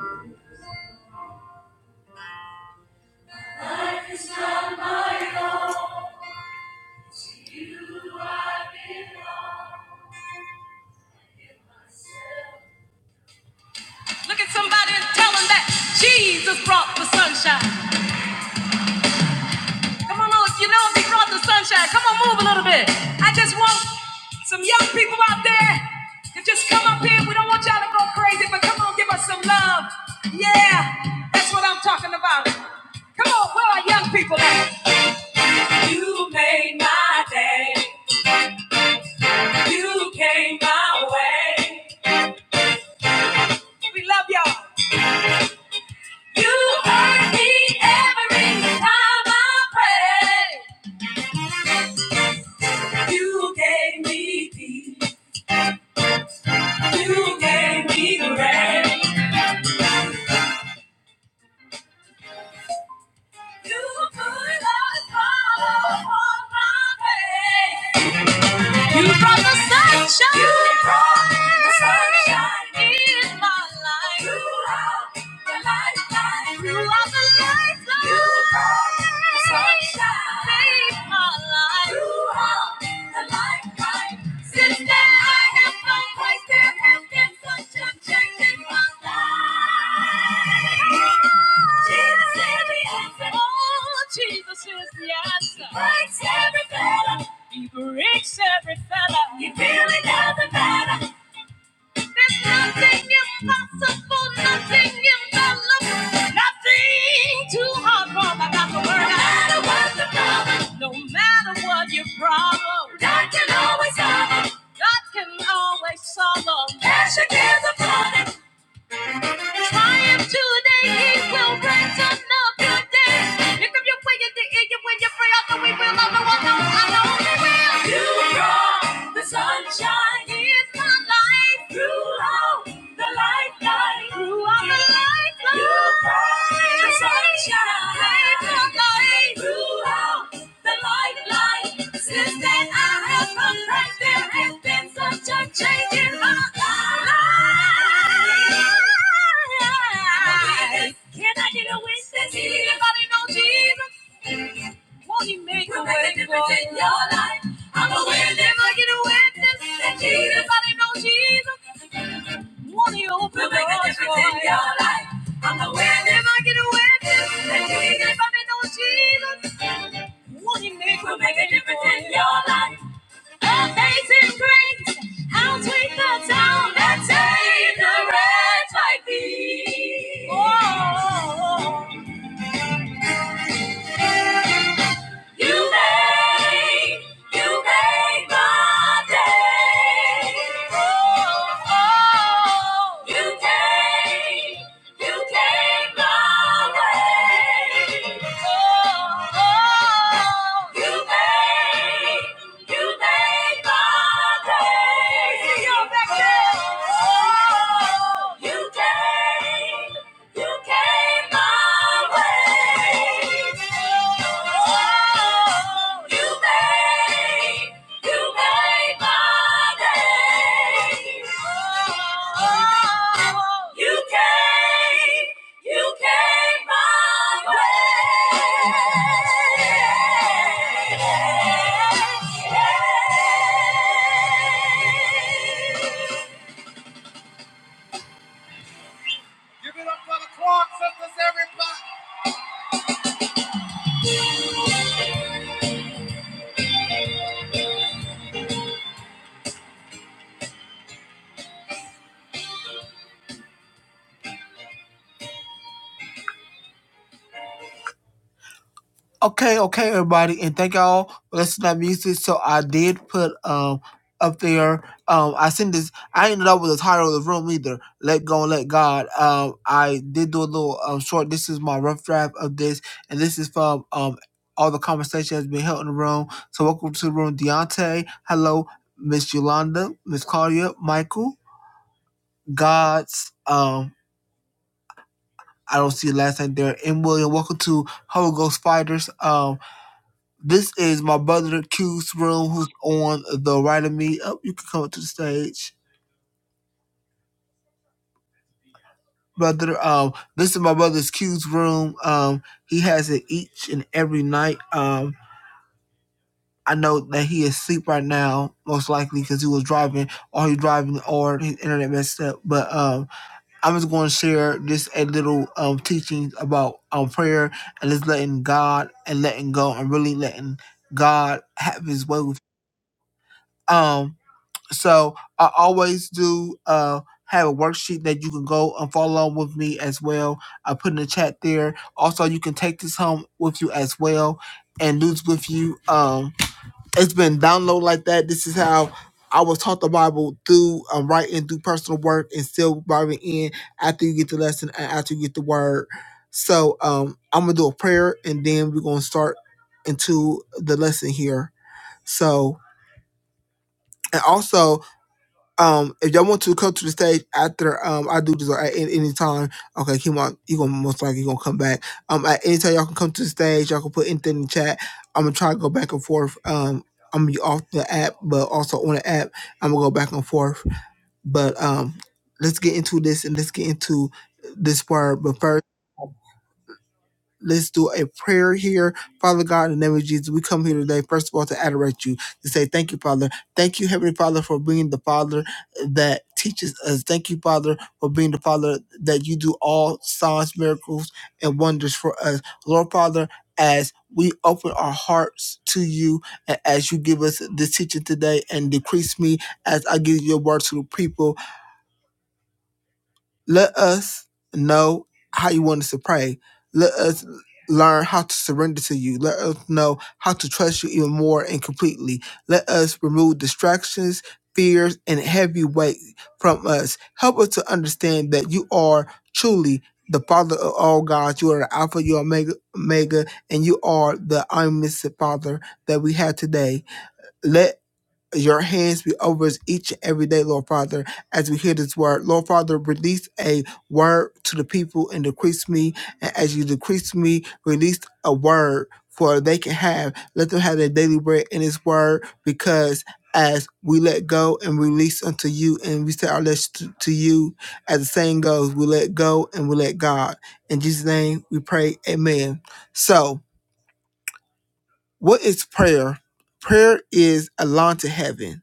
E: Life is not my own. To you I belong. I give myself. Look at somebody and tell them that Jesus brought the sunshine. Come on, you know we brought the sunshine. Come on, move a little bit. I just want some young people out there to just come up here. We don't want y'all to go crazy, but come on, give us some love. Yeah, that's what I'm talking about. Come on, where are young people at? You made my day. You came my way. We love y'all. You heard me every time I prayed. You gave me peace. You gave me grace. You brought the sunshine. You brought the sunshine in my life. You are the lifeline. You are the lifeline. You brought the sunshine. Saved my life. You are the lifeline. Since then I have found Christ. There has been such a change in my life. Jesus is the answer. Oh, Jesus is the answer. He Breaks every fetter. He breaks every fetter. He really doesn't matter. There's nothing impossible, nothing impossible, nothing too hard for the God to work. No matter what the problem, no matter what your problem, God can always solve it. God can always solve them. Passion is a problem. Triumph today, he will bring to another day. Lift up your wing and the eagle when you pray, I know we will, I know, I I know we will. You brought the sunshine in my life. Throughout the lifeline. Throughout the lifeline. You brought the sunshine. Saved my life. Throughout the lifeline. Since then I have come back. There has been such a change in my life. Can I get a witness? Anybody know Jesus? Won't he make a way for in your life? I'm a witness. Can I get a witness? That Jesus, I know Jesus. Won't he open doors make a difference in your life? I'm a witness. Can I get a witness? That Jesus, I know Jesus. Won't he make, will make a difference in your life? Amazing grace, how sweet the sound that saved a wretch like me. Oh, oh, oh, oh. You made, you made my day. Oh, oh, you came, you came my way. Oh, oh, you made, you made my day. See you back there. Oh, oh. you came. You came my way. Oh, you made, you made my day. Oh, you came, you came my way. Yeah. Okay, okay, everybody, and thank y'all for listening to that music. So I did put um up there. Um, I sent this. I ended up with the title of the room either. Let go and let God. Um, I did do a little um short. This is my rough draft of this, and this is from um all the conversation that's been held in the room. So welcome to the room, Deontay. Hello, Miss Yolanda, Miss Claudia, Michael, God's. Um, I don't see the last name there. And William, welcome to Holy Ghost Fighters. Um This is my brother Q's room, who's on the right of me. Oh, you can come up to the stage, brother. Um, this is my brother's Q's room. Um, he has it each and every night. Um, I know that he is asleep right now, most likely because he was driving, or he driving, or his internet messed up. But um, I'm just going to share just a little um teaching about um prayer and just letting God and letting go and really letting God have His way with. you. Um, So I always do uh, have a worksheet that you can go and follow along with me as well. I put in the chat there. Also, you can take this home with you as well and lose with you. Um, it's been downloaded like that. This is how I was taught the Bible through um, writing, through personal work, and still Bible in after you get the lesson and after you get the word. So um, I'm gonna do a prayer and then we're gonna start into the lesson here. So and also um, if y'all want to come to the stage after um I do this or at any, any time, okay, Kimo, you gonna most likely gonna come back. Um, at any time y'all can come to the stage, y'all can put anything in the chat. I'm gonna try to go back and forth. Um, I'm gonna be off the app, but also on the app, I'm gonna go back and forth. But um, let's get into this and let's get into this part. But first. Let's do a prayer here. Father God, in the name of Jesus, we come here today, first of all, to adorate you, to say thank you, Father. Thank you, Heavenly Father, for being the Father that teaches us. Thank you, Father, for being the Father that you do all signs, miracles, and wonders for us. Lord, Father, as we open our hearts to you, and as you give us this teaching today, and decrease me as I give your word to the people, let us know how you want us to pray. Let us learn how to surrender to you. Let us know how to trust you even more and completely. Let us remove distractions, fears, and heavy weight from us. Help us to understand that you are truly the Father of all gods. You are the Alpha, you are Omega, Omega and you are the omniscient Father that we have today. Let your hands be over us each and every day, Lord Father, as we hear this word. Lord Father, release a word to the people and decrease me. And as you decrease me, release a word for they can have. Let them have their daily bread in this word because as we let go and release unto you and we say our lips to, to you, as the saying goes, we let go and we let God. In Jesus' name we pray, amen. So, what is prayer? Prayer is a lawn to heaven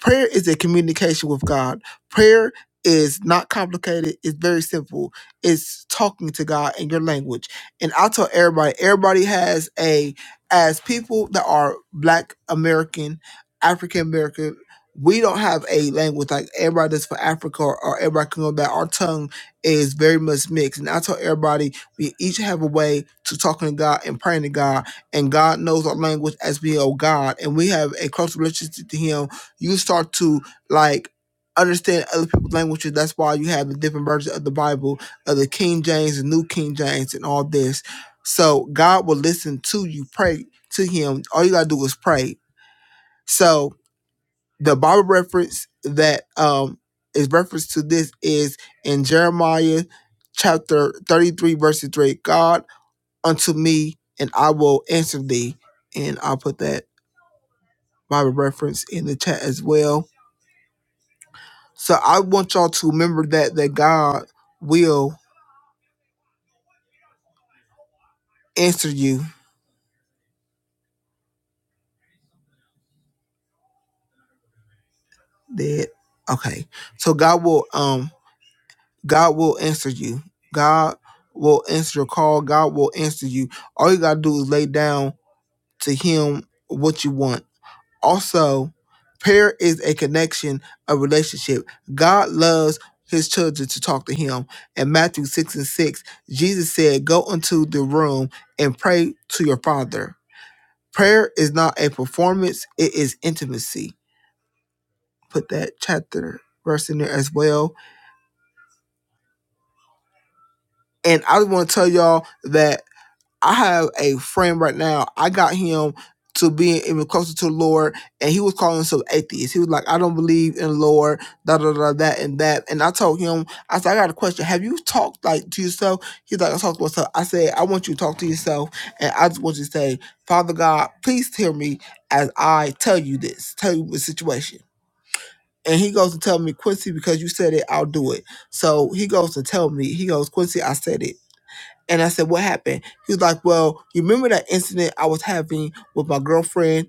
E: Prayer is a communication with God. Prayer is not complicated. It's very simple. It's talking to God in your language. And I tell everybody, everybody has a as people that are Black American, African American. We don't have a language like everybody does for Africa or, or everybody can go back. Our tongue is very much mixed. And I tell everybody we each have a way to talking to God and praying to God. And God knows our language as we owe God. And we have a close relationship to Him you start to like understand other people's languages. That's why you have the different versions of the Bible, of the King James the New King James, and all this. So God will listen to you pray to Him. All you gotta do is pray. So the Bible reference that um is reference to this is in Jeremiah chapter thirty-three, verse three. God unto me, and I will answer thee. And I'll put that Bible reference in the chat as well So I want y'all to remember that that God will answer you. That okay. So God will um God will answer you. God will answer your call. God will answer you. All you gotta do is lay down to Him what you want. Also, prayer is a connection, a relationship. God loves his children to talk to him. In Matthew 6 and 6, Jesus said, Go into the room and pray to your father. Prayer is not a performance, it is intimacy. Put that chapter verse in there as well. And I just want to tell y'all that I have a friend right now. I got him to being even closer to the Lord, and he was calling himself atheist. He was like, I don't believe in the Lord, da da da that and that. And I told him, I said, I got a question. Have you talked like to yourself? He's like, I talked to myself. I said, I want you to talk to yourself, and I just want you to say, Father God, please hear me as I tell you this, tell you the situation. And he goes and tell me, Quincy, because you said it, I'll do it. So he goes and tell me, he goes, Quincy, I said it. And I said, what happened? He was like, well, you remember that incident I was having with my girlfriend?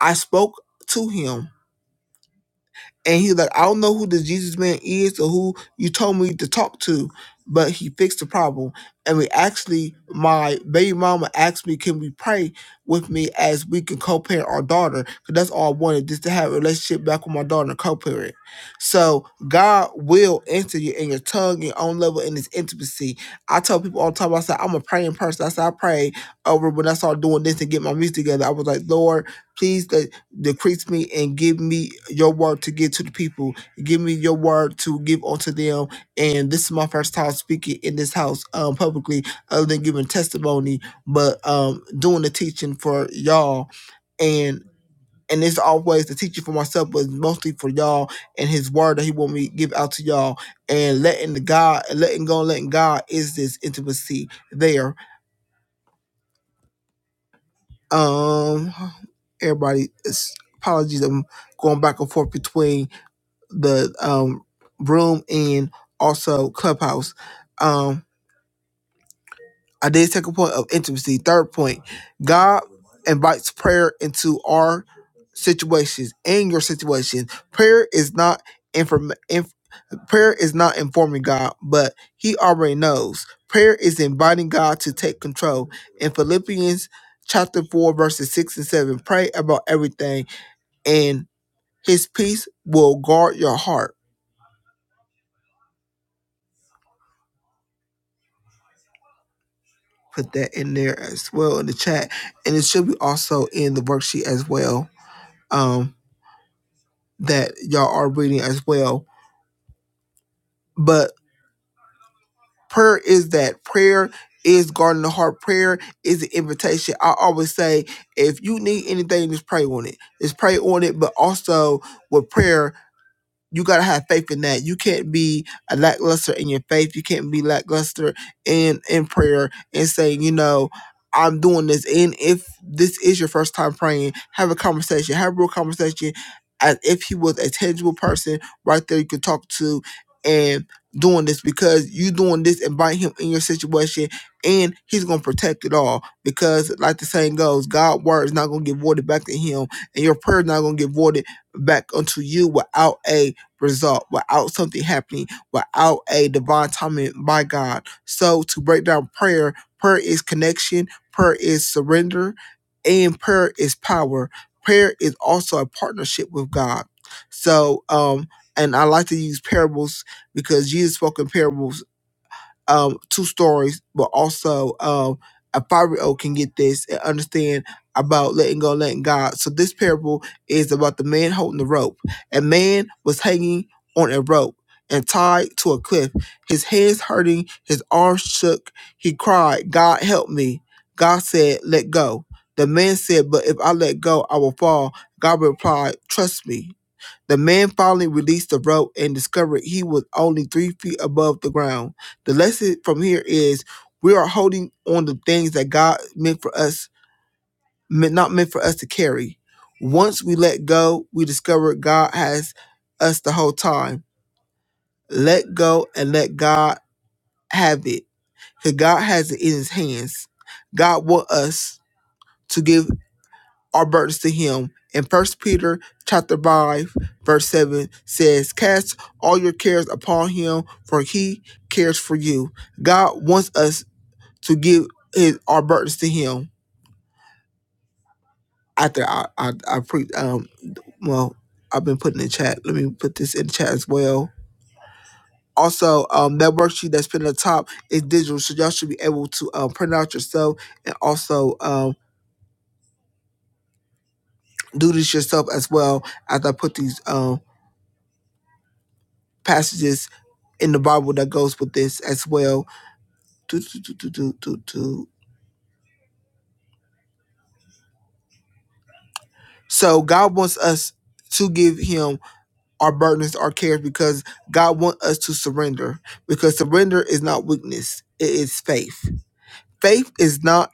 E: I spoke to him and he like, I don't know who this Jesus man is or who you told me to talk to, but he fixed the problem. And we actually, my baby mama asked me, can we pray with me as we can co-parent our daughter? Because that's all I wanted, just to have a relationship back with my daughter and co-parent. So God will answer you in your tongue, your own level, in his intimacy. I tell people all the time, I say, I'm a praying person. I said, I prayed over when I started doing this and get my music together. I was like, Lord, please. let decrease me and give me your word to give to the people. Give me your word to give unto them. And this is my first time speaking in this house um, publicly, other than giving testimony, but um, doing the teaching for y'all. And and it's always the teaching for myself, but mostly for y'all and His word that He want me to give out to y'all. And letting the God, letting go, and letting God is this intimacy there. Um, everybody, it's- apologies, I'm going back and forth between. the um room and also clubhouse. Um I did second point of intimacy. Third point, God invites prayer into our situations and your situation. Prayer is not inform inf- prayer is not informing God, but He already knows. Prayer is inviting God to take control. In Philippians chapter four, verses six and seven, pray about everything, and His peace will guard your heart. put that in there as well in the chat. And it should be also in the worksheet as well um, that y'all are reading as well. But prayer is that. Prayer is guarding the heart. Prayer is an invitation. I always say if you need anything, just pray on it. Just pray on it. But also with prayer, you gotta have faith in that. You can't be a lackluster in your faith. You can't be lackluster in in prayer and saying, you know, I'm doing this. And if this is your first time praying, have a conversation. Have a real conversation. As if he was a tangible person right there you could talk to and doing this because you doing this invite him in your situation and he's gonna protect it all. Because like the saying goes, God's word is not gonna get voided back to him and your prayer is not gonna get voided back unto you without a result, without something happening, without a divine timing by God. So to break down prayer, prayer is connection, prayer is surrender, and prayer is power. Prayer is also a partnership with God. So um and I like to use parables because Jesus spoke in parables um, two stories, but also um, a five-year-old can get this and understand about letting go, letting God. So this parable is about the man holding the rope. A man was hanging on a rope and tied to a cliff. His hands hurting, his arms shook. He cried, God help me. God said, let go. The man said, but if I let go, I will fall. God replied, trust me. The man finally released the rope and discovered he was only three feet above the ground. The lesson from here is we are holding on to things that God meant for us, meant not meant for us to carry. Once we let go, we discover God has us the whole time. Let go and let God have it. Because God has it in his hands. God wants us to give our burdens to him. In First Peter chapter five, verse seven says, Cast all your cares upon him, for he cares for you. God wants us to give his our burdens to him. After I I, I pre um well, I've been putting in the chat. Let me put this in the chat as well. Also, um, that worksheet that's pinned at the top is digital, so y'all should be able to um, print out yourself and also um, do this yourself as well. As I put these um, passages in the Bible that goes with this as well. Do, do, do, do, do, do, do. So God wants us to give him our burdens, our cares, because God wants us to surrender. Because surrender is not weakness, it is faith. Faith is not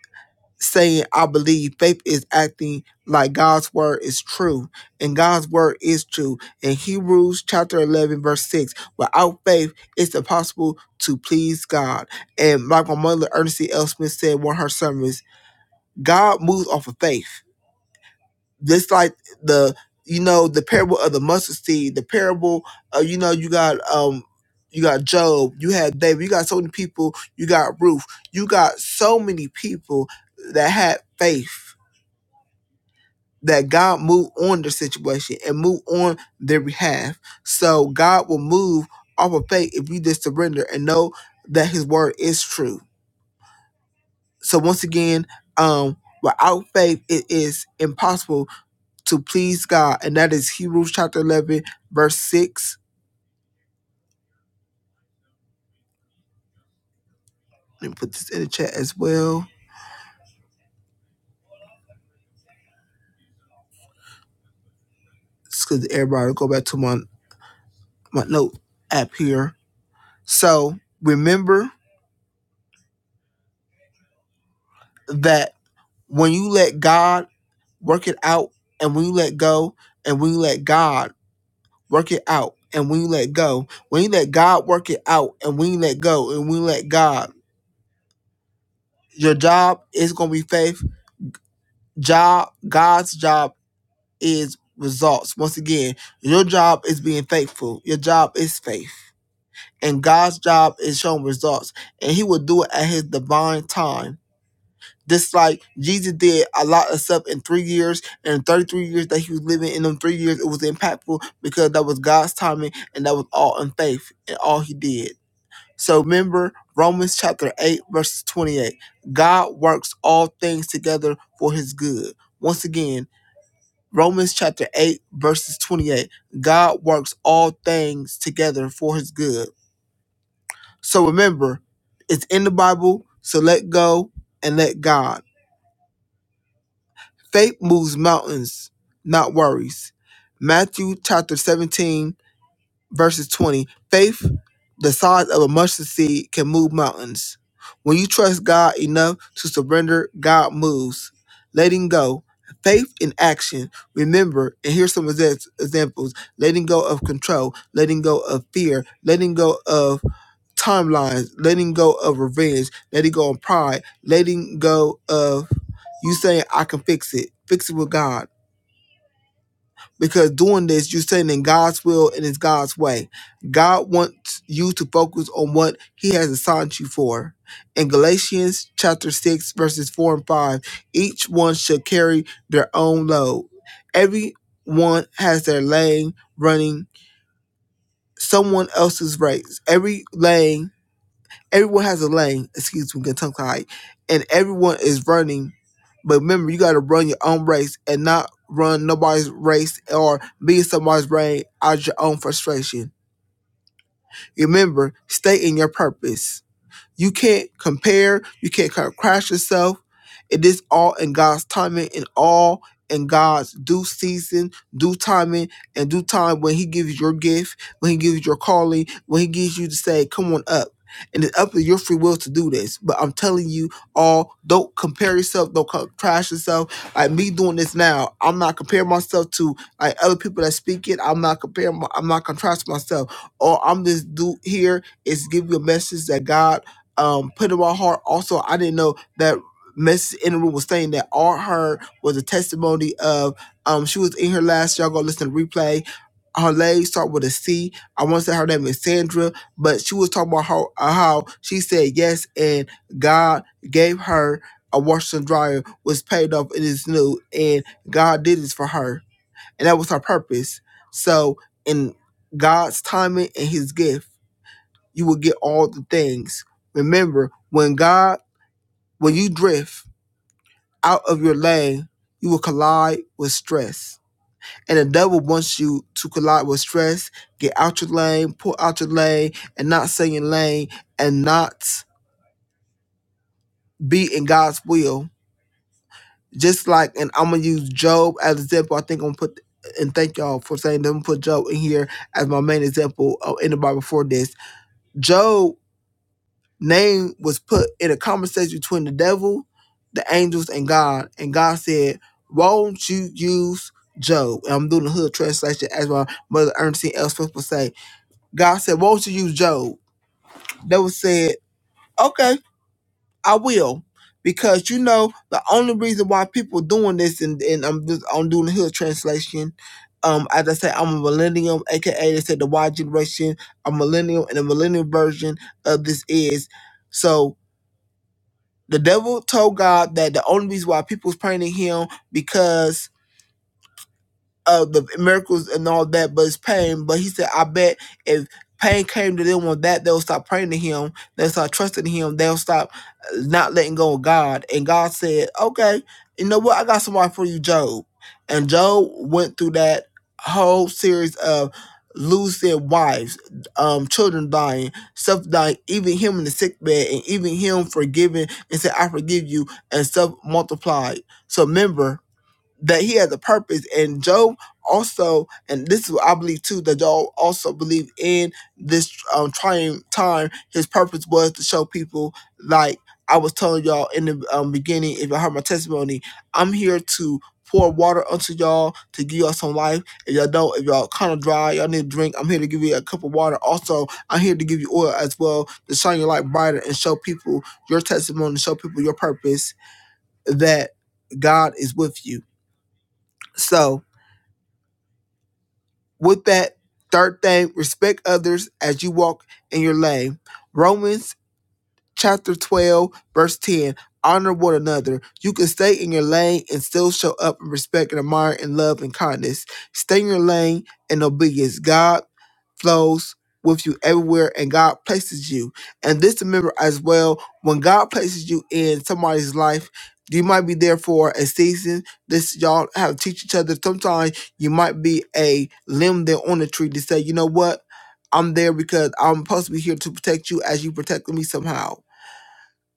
E: saying I believe. Faith is acting like God's word is true. And God's word is true. In Hebrews chapter eleven, verse six, without faith it's impossible to please God. And like my mother Ernestine L. Smith said in one of her sermons, God moves off of faith. Just like the you know the parable of the mustard seed, the parable of you know you got um you got Job, you had David, you got so many people, you got Ruth, you got so many people that had faith that God moved on their situation and moved on their behalf. So God will move off of faith if you just surrender and know that His word is true. So once again, um, without faith, it is impossible to please God. And that is Hebrews chapter 11, verse 6. Let me put this in the chat as well. It's because everybody will go back to my, my note app here. So remember that when you let God work it out, and when you let go, and when you let God work it out, and when you let go, when you let God work it out, and when you let go, and when you let God, your job is going to be faith. Job, God's job is results. Once again, your job is being faithful. Your job is faith. And God's job is showing results. And he will do it at his divine time. Just like Jesus did a lot of stuff in three years and 33 years that he was living in them three years, it was impactful because that was God's timing and that was all in faith and all he did. So remember Romans chapter 8, verse 28. God works all things together for his good. Once again, Romans chapter 8, verses 28. God works all things together for his good. So remember, it's in the Bible, so let go and let God. Faith moves mountains, not worries. Matthew chapter 17, verses 20 faith the size of a mustard seed can move mountains when you trust god enough to surrender god moves letting go faith in action remember and here's some exa- examples letting go of control letting go of fear letting go of timelines letting go of revenge letting go of pride letting go of you saying i can fix it fix it with god because doing this, you're staying in God's will and it's God's way. God wants you to focus on what He has assigned you for. In Galatians chapter 6, verses 4 and 5, each one should carry their own load. Everyone has their lane running someone else's race. Every lane Everyone has a lane, excuse me, get tongue tied, and everyone is running. But remember, you got to run your own race and not run nobody's race or be in somebody's brain out of your own frustration. Remember, stay in your purpose. You can't compare. You can't kind of crash yourself. It is all in God's timing and all in God's due season, due timing, and due time when He gives your gift, when He gives your calling, when He gives you to say, "Come on up." And it's up to your free will to do this. But I'm telling you all, don't compare yourself, don't co- crash yourself. Like me doing this now, I'm not comparing myself to like other people that speak it. I'm not comparing, my, I'm not contrasting myself. All I'm just do here is give you a message that God um, put in my heart. Also, I didn't know that Miss in the room was saying that all her was a testimony of um, she was in her last. Y'all go listen to the replay. Her legs start with a C. I want to say her name is Sandra, but she was talking about how, uh, how she said yes and God gave her a washer and dryer was paid off. It is new and God did this for her, and that was her purpose. So in God's timing and His gift you will get all the things. Remember, when God, when you drift out of your lane, you will collide with stress. And the devil wants you to collide with stress, get out your lane, pull out your lane, and not stay in your lane and not be in God's will. Just like, and I'm gonna use Job as an example. I think I'm gonna put and thank y'all for saying them put Job in here as my main example of in the Bible for this. Job name was put in a conversation between the devil, the angels, and God. And God said, Won't you use Job? And I'm doing the hood translation as my mother Ernestine Elspeth would say. God said, Won't you use Job? Devil said, Okay, I will. Because you know, the only reason why people doing this, and, and I'm just I'm doing the hood translation. Um, as I say, I'm a millennium, aka they said the Y generation, a millennial, and a millennial version of this is. So The devil told God that the only reason why people was praying to him because uh the miracles and all that, but it's pain. But he said, I bet if pain came to them on that, they'll stop praying to him, they'll start trusting him, they'll stop uh, not letting go of God. And God said, Okay, you know what? I got somebody for you, Job. And Job went through that whole series of losing wives, um, children dying, stuff dying, even him in the sick bed, and even him forgiving and said, I forgive you, and stuff multiplied. So remember, that he has a purpose. And Job also, and this is what I believe too, that Job also believed in this um, trying time. His purpose was to show people, like I was telling y'all in the um, beginning, if you heard my testimony, I'm here to pour water unto y'all to give y'all some life. If y'all don't, if y'all kind of dry, y'all need a drink, I'm here to give you a cup of water. Also, I'm here to give you oil as well to shine your light brighter and show people your testimony, show people your purpose that God is with you. So, With that, third thing, respect others as you walk in your lane. Romans chapter 12, verse 10. Honor one another. You can stay in your lane and still show up in respect and admire and love and kindness. Stay in your lane and obedience. God flows with you everywhere and God places you. And this remember as well, when God places you in somebody's life, you might be there for a season. This y'all have to teach each other. Sometimes you might be a limb there on the tree to say, you know what? I'm there because I'm supposed to be here to protect you as you protected me somehow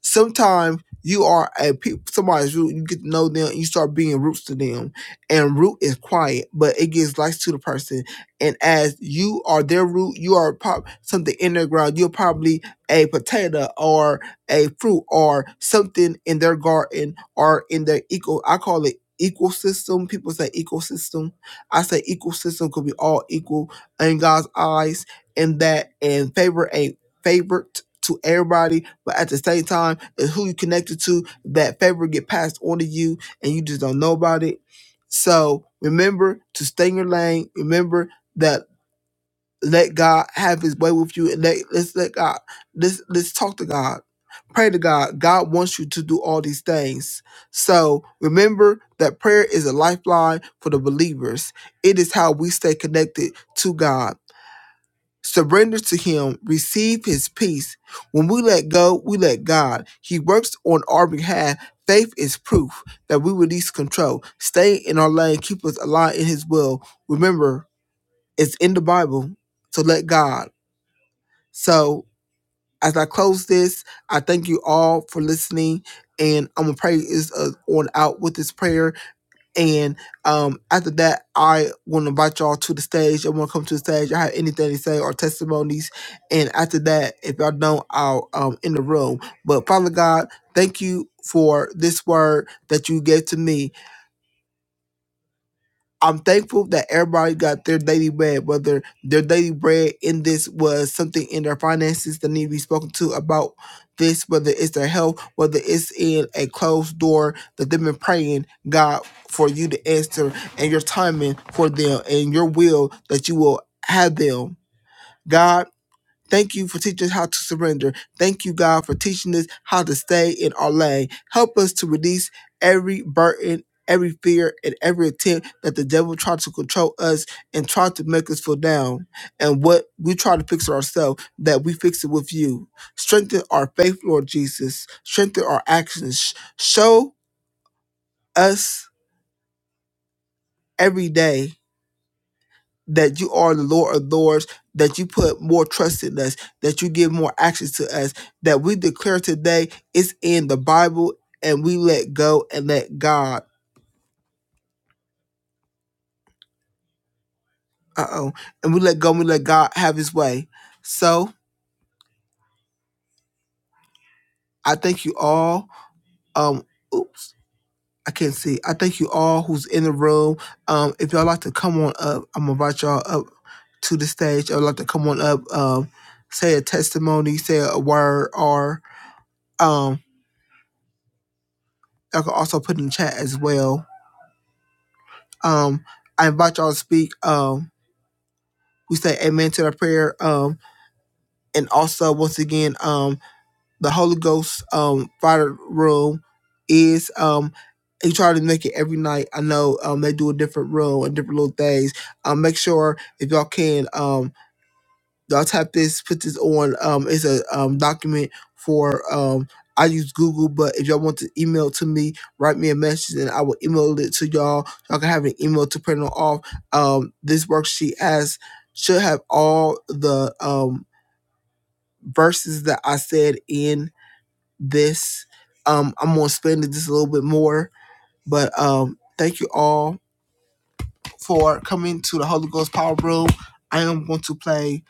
E: sometimes you are a pe- somebody's root. You get to know them. You start being roots to them, and root is quiet, but it gives life to the person. And as you are their root, you are pop something in their ground. You're probably a potato or a fruit or something in their garden or in their eco. I call it ecosystem. People say ecosystem. I say ecosystem could be all equal in God's eyes. And that and favor ain't favorite to everybody, but at the same time, it's who you connected to. That favor get passed on to you, and you just don't know about it. So remember to stay in your lane. Remember that let God have His way with you, and let let's let God let's let's talk to God, pray to God. God wants you to do all these things. So remember that prayer is a lifeline for the believers. It is how we stay connected to God surrender to Him, receive His peace. When we let go, we let God. He works on our behalf. Faith is proof that we release control. Stay in our lane, keep us aligned in His will. Remember, it's in the Bible to let God. So, as I close this, I thank you all for listening, and I'm gonna pray is uh, on out with this prayer. And um, after that, I want to invite y'all to the stage. I want to come to the stage. I have anything to say or testimonies. And after that, if y'all don't, I'll um in the room. But Father God, thank you for this word that you gave to me. I'm thankful that everybody got their daily bread, whether their daily bread in this was something in their finances that need to be spoken to about this, whether it's their health, whether it's in a closed door that they've been praying, God, for you to answer and your timing for them and your will that you will have them. God Thank you for teaching us how to surrender. Thank you, God, for teaching us how to stay in our lane. Help us to release every burden, every fear, and every attempt that the devil tried to control us and tried to make us feel down. And what we try to fix it ourselves, that we fix it with you. Strengthen our faith, Lord Jesus. Strengthen our actions. Show us every day that you are the Lord of Lords, that you put more trust in us, that you give more access to us, that we declare today is in the Bible and we let go and let God, uh oh, and we let go and we let God have his way. So I thank you all. Um, oops. I can't see. I thank you all who's in the room. Um, if y'all like to come on up, I'm gonna invite y'all up to the stage. I'd like to come on up, um, say a testimony, say a word, or um. I can also put in the chat as well. Um, I invite y'all to speak. Um, we say amen to the prayer. Um, and also once again, um, the Holy Ghost um fire room is um they try to make it every night. I know um they do a different room and different little things. Um, make sure if y'all can um, I'll type this, put this on. Um, it's a um, document for um, I use Google, but if y'all want to email to me, write me a message and I will email it to y'all. Y'all can have an email to print it off. Um, this worksheet has should have all the um, verses that I said in this. Um, I'm gonna spend it just a little bit more, but um, thank you all for coming to the Holy Ghost Power Room. I am going to play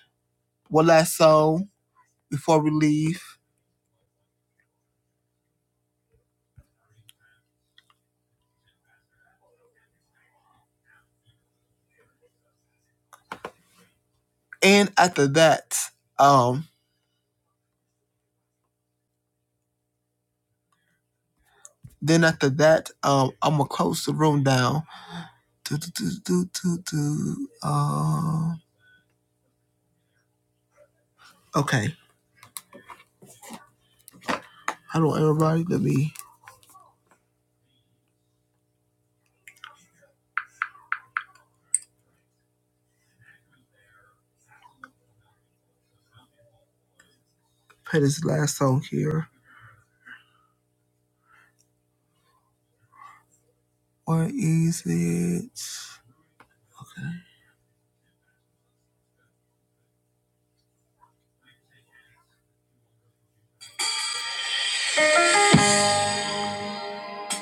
E: one last song before we leave. And after that, um, then after that, um, I'm gonna close the room down. Do, do, do, do, do, do. Um, okay. Hello, everybody. Let me play this last song here. What is it?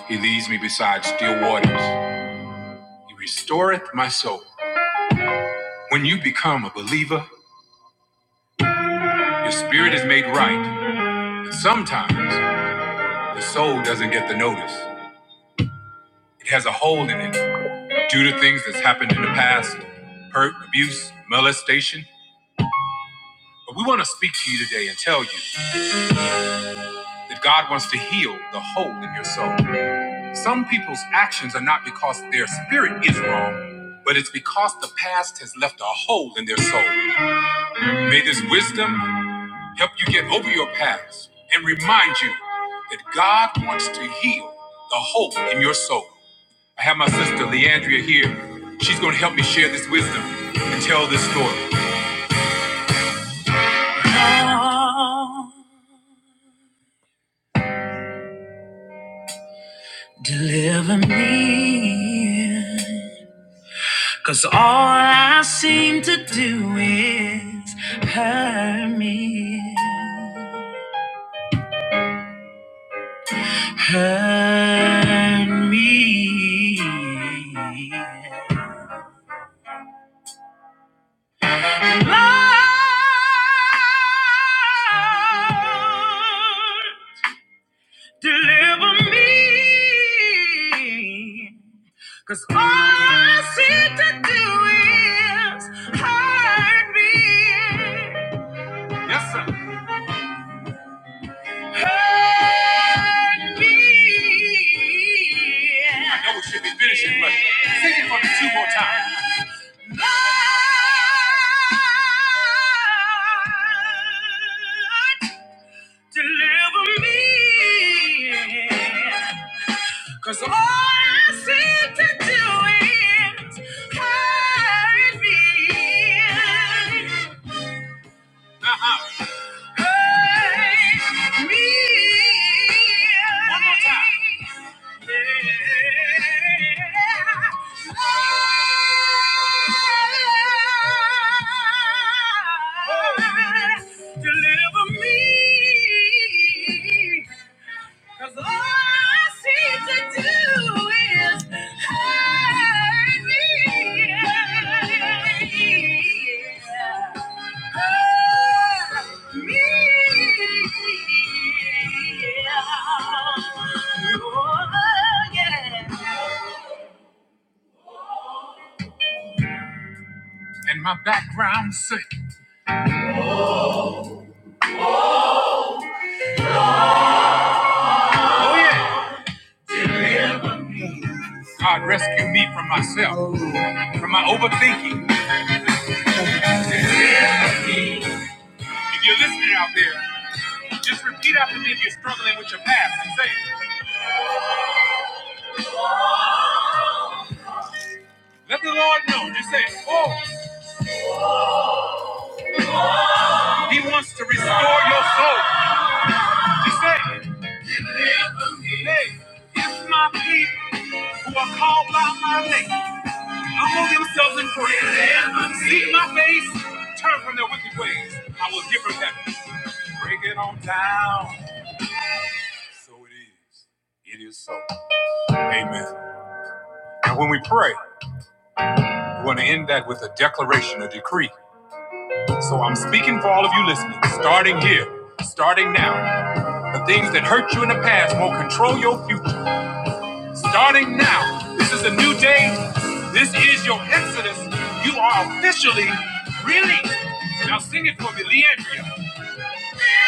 E: He leads me beside still waters. He restoreth my soul. When you become a believer, your spirit is made right. But sometimes the soul doesn't get the notice. It has a hole in it due to things that's happened in the past hurt, abuse, molestation. But we want to speak to you today and tell you that God wants to heal the hole in your soul. Some people's actions are not because their spirit is wrong, but it's because the past has left a hole in their soul. May this wisdom help you get over your past and remind you that God wants to heal the hole in your soul. I have my sister Leandria here. She's going to help me share this wisdom and tell this story. Hide me, hide me. Lord, deliver me. Cause all I seek to do is hurt me. Hurt me. I know we should be finishing, but sing it for me two more times. Lord, deliver me, 'cause all I seem to do is hurt me. Uh-huh. One more time. Deliver me. Cause all I seem to do is hurt me. Hurt me. Oh, yeah. And my background sick. God rescue me from myself, from my overthinking. If you're listening out there, just repeat after me if you're struggling with your past and say, Let the Lord know. Just say, oh, he wants to restore your soul. Just say, hey, if my people who are called by my name humble themselves in prayer, seek my face, turn from their wicked ways, I will give them heaven. Break it on down. So it is. It is so. Amen. And when we pray, we want to end that with a declaration, a decree. So I'm speaking for all of you listening, starting here, starting now. The things that hurt you in the past will control your future. Starting now, this is a new day. This is your exodus. You are officially released. Now sing it for me, Leandria. Yeah.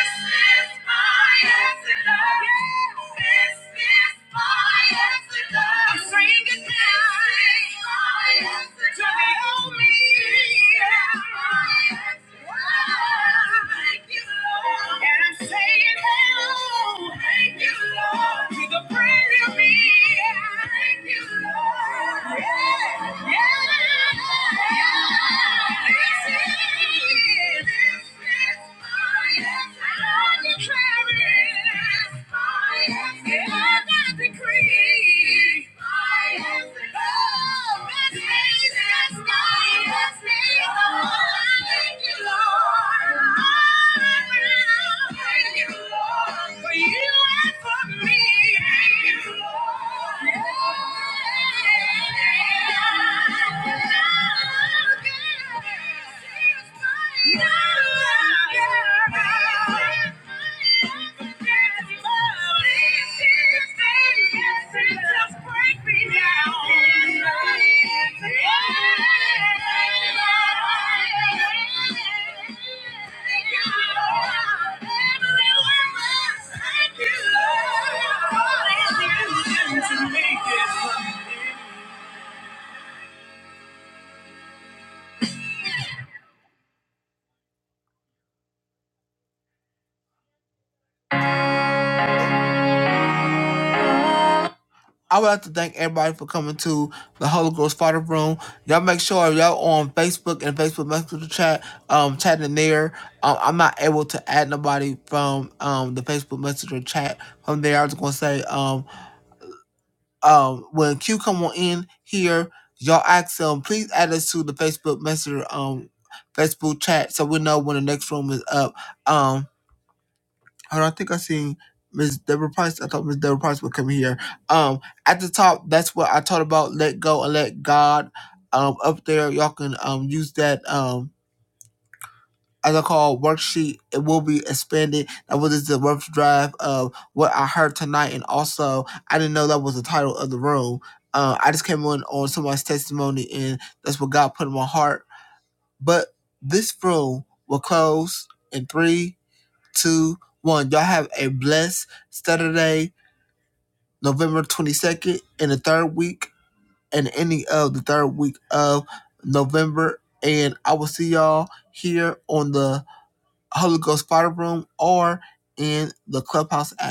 E: For you and for me, Lord. Thank you. I would like to thank everybody for coming to the Holy Ghost Father Room. Y'all make sure y'all on Facebook and Facebook Messenger chat, um, chatting there. Um, I'm not able to add nobody from um the Facebook Messenger chat. From there, I was gonna say um um when Q come on in here, y'all ask them please add us to the Facebook Messenger um Facebook chat so we know when the next room is up. Um, Hold on, I think I seen Miss Deborah Price. I thought Miss Deborah Price would come here. Um, at the top, that's what I talked about. Let go and let God. Um, up there, y'all can um use that um as I call worksheet. It will be expanded. That was the rough drive of what I heard tonight, and also I didn't know that was the title of the room. Uh, I just came on on somebody's testimony, and that's what God put in my heart. But this room will close in three, two, one. Y'all have a blessed Saturday, November 22nd, in the third week and any of the third week of November. And I will see y'all here on the Holy Ghost Fire Room or in the Clubhouse app.